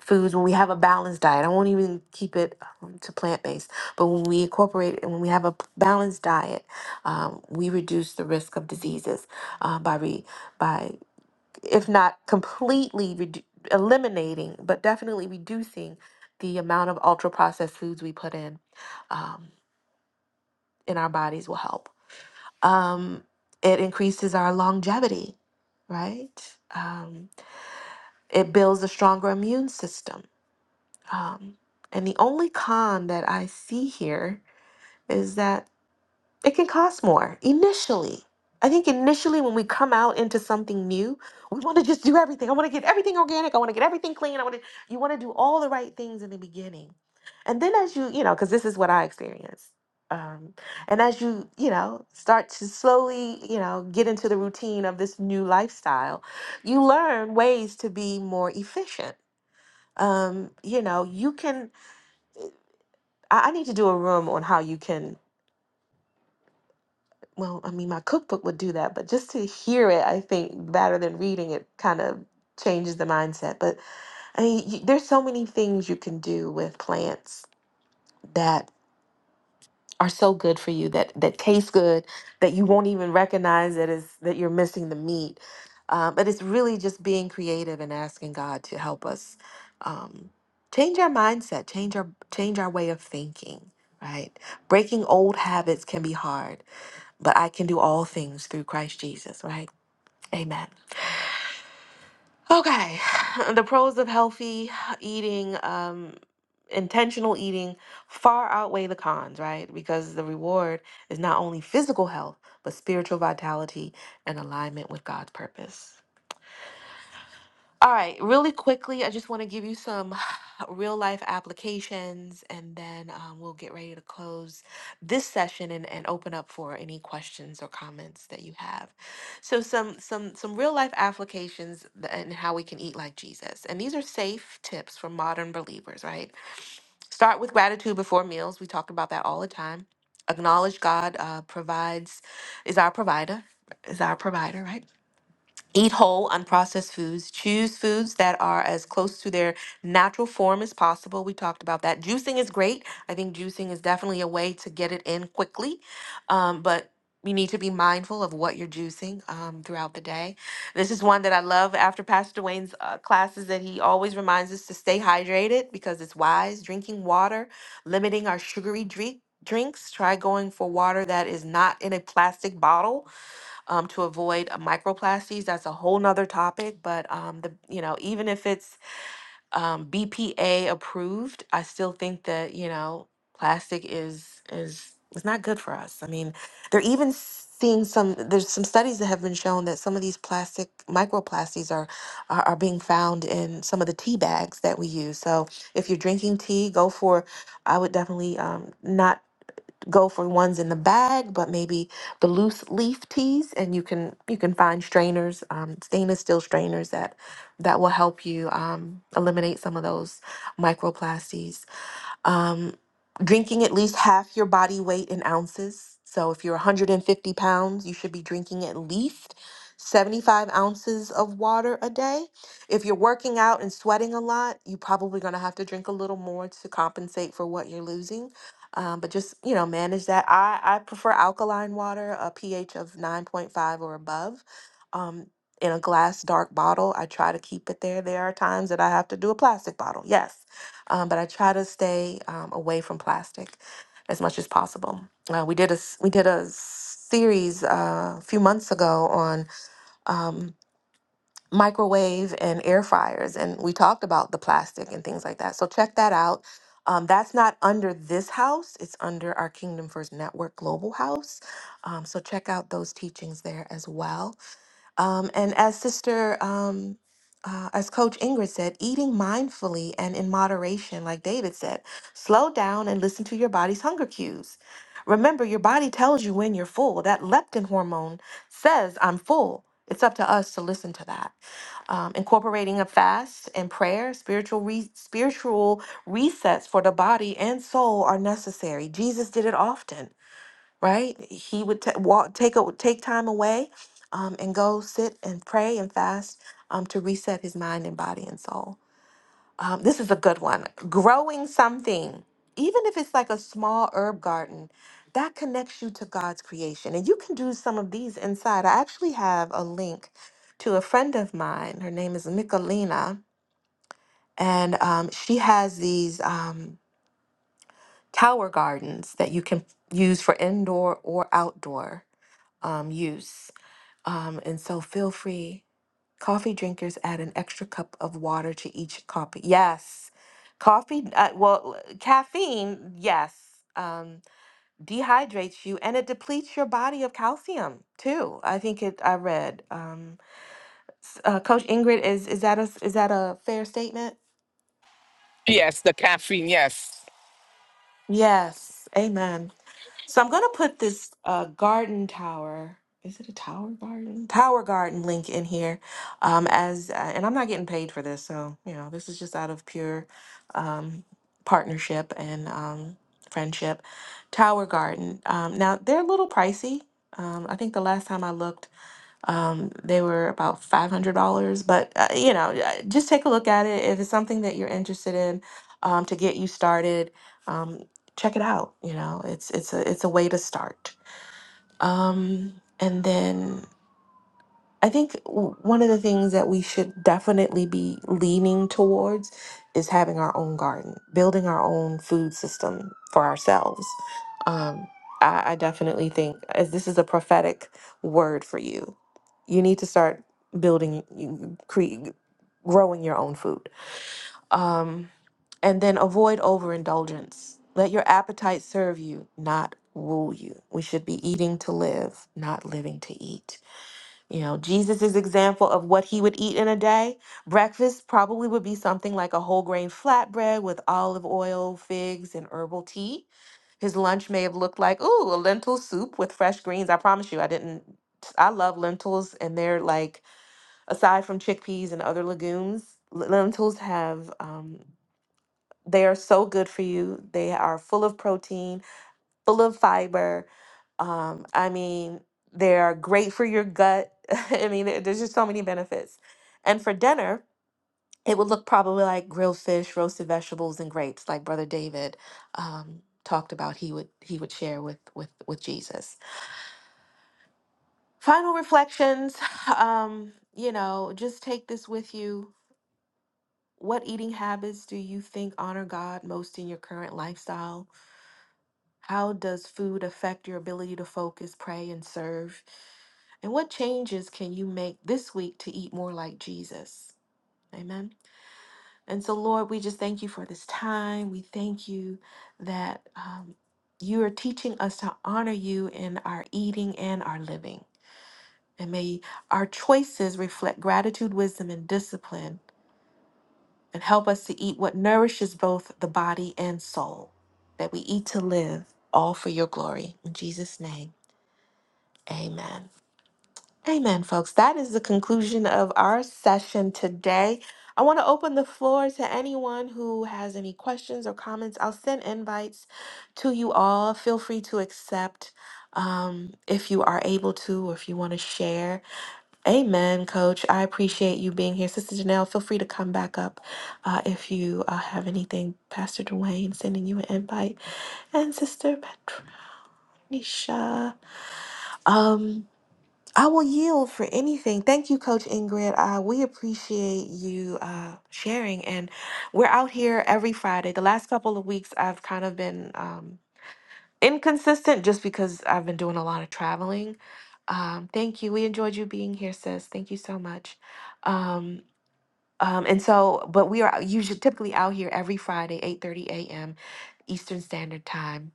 A: foods, when we have a balanced diet, I won't even keep it um, to plant based, but when we incorporate and when we have a p- balanced diet, um, we reduce the risk of diseases uh, by re- by if not completely redu- eliminating, but definitely reducing the amount of ultra processed foods we put in um, in our bodies will help. Um, it increases our longevity, right? Um, it builds a stronger immune system. Um, and the only con that I see here is that it can cost more initially. I think initially when we come out into something new, we want to just do everything. I want to get everything organic. I want to get everything clean. I want to you want to do all the right things in the beginning. And then as you, you know, because this is what I experienced. Um, and as you, you know, start to slowly, you know, get into the routine of this new lifestyle, you learn ways to be more efficient. Um, you know, you can I, I need to do a room on how you can well, I mean, my cookbook would do that, but just to hear it, I think, rather than reading it, kind of changes the mindset. But I mean, you, there's so many things you can do with plants that are so good for you that that taste good that you won't even recognize that is that you're missing the meat. Um, but it's really just being creative and asking God to help us um, change our mindset, change our change our way of thinking. Right, breaking old habits can be hard but I can do all things through Christ Jesus, right? Amen. Okay, the pros of healthy eating, um, intentional eating far outweigh the cons, right? Because the reward is not only physical health, but spiritual vitality and alignment with God's purpose. All right, really quickly, I just want to give you some real life applications and then um, we'll get ready to close this session and, and open up for any questions or comments that you have. So some some some real life applications th- and how we can eat like Jesus. And these are safe tips for modern believers, right? Start with gratitude before meals. We talk about that all the time. Acknowledge God uh, provides is our provider, is our provider, right? Eat whole, unprocessed foods. Choose foods that are as close to their natural form as possible. We talked about that. Juicing is great. I think juicing is definitely a way to get it in quickly, um, but you need to be mindful of what you're juicing um, throughout the day. This is one that I love after Pastor Dwayne's uh, classes that he always reminds us to stay hydrated because it's wise. Drinking water, limiting our sugary drink, drinks. Try going for water that is not in a plastic bottle um, to avoid uh, microplastics. That's a whole nother topic, but um, the you know even if it's um, BPA approved, I still think that you know plastic is is is not good for us. I mean, they're even seeing some. There's some studies that have been shown that some of these plastic microplastics are are, are being found in some of the tea bags that we use. So if you're drinking tea, go for. I would definitely um, not go for ones in the bag, but maybe the loose leaf teas, and you can you can find strainers, um, stainless steel strainers that that will help you um, eliminate some of those microplastics. Um, drinking at least half your body weight in ounces. So if you're 150 pounds, you should be drinking at least 75 ounces of water a day. If you're working out and sweating a lot, you're probably going to have to drink a little more to compensate for what you're losing. Um, but just you know, manage that. I I prefer alkaline water, a pH of 9.5 or above. Um, in a glass dark bottle, I try to keep it there. There are times that I have to do a plastic bottle. Yes, um, but I try to stay um, away from plastic as much as possible. Uh, we did a s- we did a series uh, a few months ago on um, microwave and air fryers, and we talked about the plastic and things like that. So check that out. Um, that's not under this house; it's under our Kingdom First Network Global House. Um, so check out those teachings there as well. Um, and as Sister, um, uh, as Coach Ingrid said, eating mindfully and in moderation, like David said, slow down and listen to your body's hunger cues. Remember, your body tells you when you're full. That leptin hormone says, I'm full. It's up to us to listen to that. Um, incorporating a fast and prayer, spiritual re- spiritual resets for the body and soul are necessary. Jesus did it often right? He would ta walk, take a, take time away, um, and go sit and pray and fast um, to reset his mind and body and soul. Um, this is a good one. Growing something, even if it's like a small herb garden, that connects you to God's creation, and you can do some of these inside. I actually have a link to a friend of mine. Her name is Michelina, and um, she has these um, tower gardens that you can use for indoor or outdoor um, use. Um, and so feel free. Coffee drinkers add an extra cup of water to each coffee. Yes. Coffee, uh, well, uh, caffeine, yes, um, dehydrates you and it depletes your body of calcium too. I think it, I read. Um, s- uh, Coach Ingrid, is, is that a, s- is that a fair statement?
E: Yes, the caffeine. Yes.
A: Yes. Amen. So I'm going to put this uh, garden tower. Is it a tower garden? Tower garden link in here, um, as uh, and I'm not getting paid for this, so you know this is just out of pure um, partnership and um, friendship. Tower garden. Um, now they're a little pricey. Um, I think the last time I looked. Um, they were about $500, but uh, you know, uh, just take a look at it. If it's something that you're interested in, um, to get you started, um, check it out. You know, it's it's a it's a way to start. Um, and then I think w- one of the things that we should definitely be leaning towards is having our own garden, building our own food system for ourselves. Um, I, I definitely think, as this is a prophetic word for you, you need to start building, you- cre- growing your own food. Um, and then avoid overindulgence. Let your appetite serve you, not rule you. We should be eating to live, not living to eat. You know, Jesus's example of what he would eat in a day, breakfast probably would be something like a whole grain flatbread with olive oil, figs, and herbal tea. His lunch may have looked like, ooh, a lentil soup with fresh greens. I promise you, I didn't. I love lentils, and they're like, aside from chickpeas and other legumes, l- lentils have, um, they are so good for you. They are full of protein full of fiber. Um, I mean, they are great for your gut. I mean, there- there's just so many benefits. And for dinner, it would look probably like grilled fish, roasted vegetables, and grapes, like Brother David um, talked about. He would he would share with with with Jesus. Final reflections. Um, you know, just take this with you. What eating habits do you think honor God most in your current lifestyle? How does food affect your ability to focus, pray, and serve? And what changes can you make this week to eat more like Jesus? Amen. And so, Lord, we just thank you for this time. We thank you that um, you are teaching us to honor you in our eating and our living. And may our choices reflect gratitude, wisdom, and discipline, and help us to eat what nourishes both the body and soul, that we eat to live, all for your glory. In Jesus' name. Amen. Amen, folks. That is the conclusion of our session today. I want to open the floor to anyone who has any questions or comments. I'll send invites to you all. Feel free to accept um, if you are able to or if you want to share. Amen, Coach. I appreciate you being here. Sister Janelle, feel free to come back up uh, if you uh, have anything. Pastor Dwayne sending you an invite. And Sister Patricia. Um. I will yield for anything. Thank you, Coach Ingrid. Uh, we appreciate you uh, sharing. And we're out here every Friday. The last couple of weeks, I've kind of been um, inconsistent just because I've been doing a lot of traveling. Um, thank you. We enjoyed you being here, sis. Thank you so much. Um, um, and so, but we are usually typically out here every Friday, 8:30 a.m. Eastern Standard Time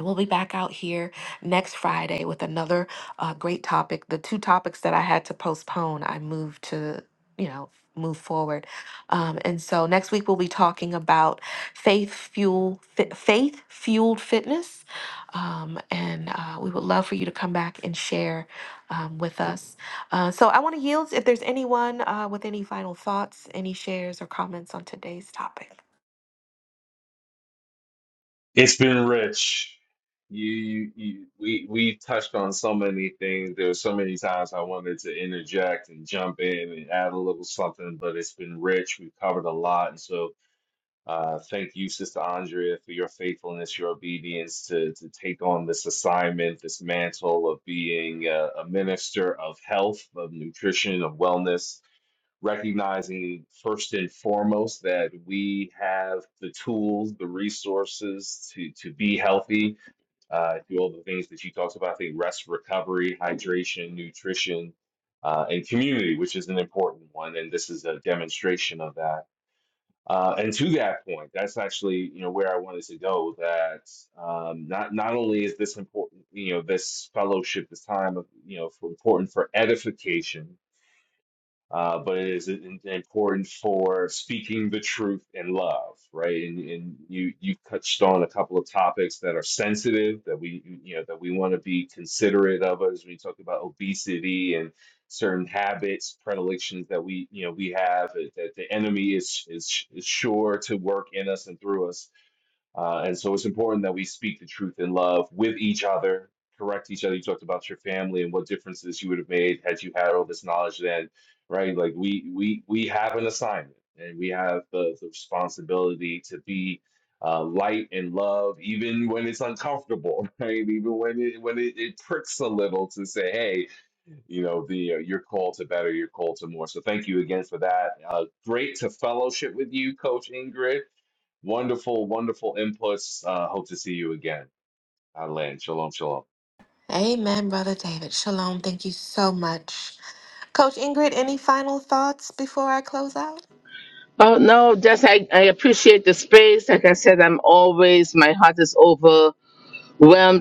A: We'll be back out here next Friday with another uh, great topic. The two topics that I had to postpone, I moved to, you know, move forward. Um, and so next week we'll be talking about faith fuel, fi- faith fueled fitness. Um, and uh, we would love for you to come back and share um, with us. Uh, so I want to yield if there's anyone uh, with any final thoughts, any shares or comments on today's topic.
B: It's been rich. You, you, you we we touched on so many things. There were so many times I wanted to interject and jump in and add a little something, but it's been rich. We've covered a lot, and so uh, thank you, Sister Andrea, for your faithfulness, your obedience to to take on this assignment, this mantle of being a, a minister of health, of nutrition, of wellness recognizing first and foremost that we have the tools, the resources to to be healthy, uh, do all the things that you talked about. I think rest, recovery, hydration, nutrition, uh, and community, which is an important one, and this is a demonstration of that. Uh, and to that point, that's actually you know where I wanted to go. That um, not not only is this important, you know, this fellowship, this time of you know, for, important for edification, uh, but it is in- important for speaking the truth in love, right? And, and you you touched on a couple of topics that are sensitive that we you know that we want to be considerate of as we talk about obesity and certain habits, predilections that we you know we have uh, that the enemy is is, is sure to work in us and through us uh, and so it's important that we speak the truth in love with each other, correct each other. You talked about your family and what differences you would have made had you had all this knowledge then, right? Like we we we have an assignment and we have the, the responsibility to be uh, light and love, even when it's uncomfortable, right? Even when it when it, it pricks a little to say, hey, you know the uh, your call to better your call to more so thank you again for that uh, great to fellowship with you coach ingrid Wonderful, wonderful inputs. Uh, hope to see you again. Alan, shalom, shalom.
A: Amen, Brother David. Shalom. Thank you so much. Coach Ingrid, any final thoughts before I close out?
E: Oh no, just I, I appreciate the space. Like I said, I'm always my heart is overwhelmed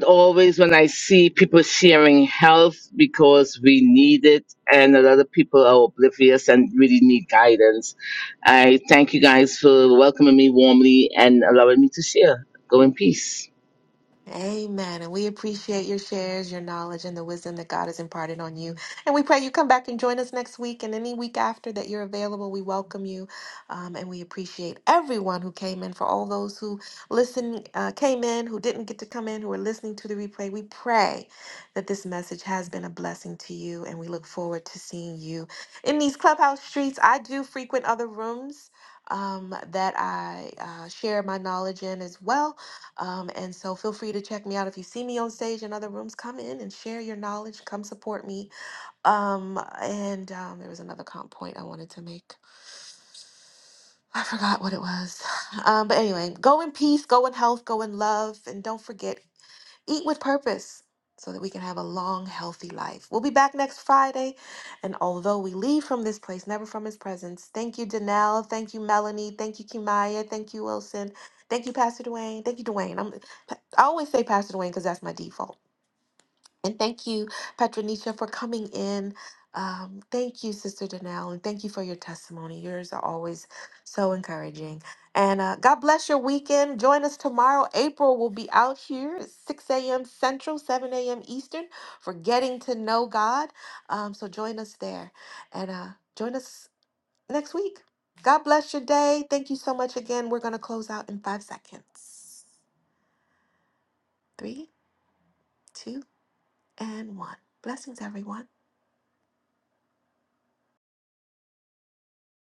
E: always when I see people sharing health because we need it and a lot of people are oblivious and really need guidance. I thank you guys for welcoming me warmly and allowing me to share. Go in peace.
A: Amen. And we appreciate your shares, your knowledge, and the wisdom that God has imparted on you. And we pray you come back and join us next week and any week after that you're available. We welcome you. Um, and we appreciate everyone who came in. For all those who listen, uh, came in, who didn't get to come in, who are listening to the replay, we pray that this message has been a blessing to you. And we look forward to seeing you in these clubhouse streets. I do frequent other rooms um, that I uh, share my knowledge in as well. Um, and so feel free to check me out. If you see me on stage in other rooms, come in and share your knowledge. Come support me. Um, and um, there was another comp point I wanted to make. I forgot what it was. Um, but anyway, go in peace, go in health, go in love. And don't forget, Eat with purpose so that we can have a long, healthy life. We'll be back next Friday. And although we leave from this place, never from his presence, thank you, Danelle. Thank you, Melanie. Thank you, Kimaya. Thank you, Wilson. Thank you, Pastor Dwayne. Thank you, Dwayne. I'm, I always say Pastor Dwayne because that's my default. And thank you, Patronisha, for coming in. Um, thank you, Sister Danelle, and thank you for your testimony. Yours are always so encouraging. And uh, God bless your weekend. Join us tomorrow. April will be out here at 6 a.m. Central, 7 a.m. Eastern for Getting to Know God. Um, so join us there and uh, join us next week. God bless your day. Thank you so much again. We're going to close out in five seconds. Three, two, and one. Blessings, everyone.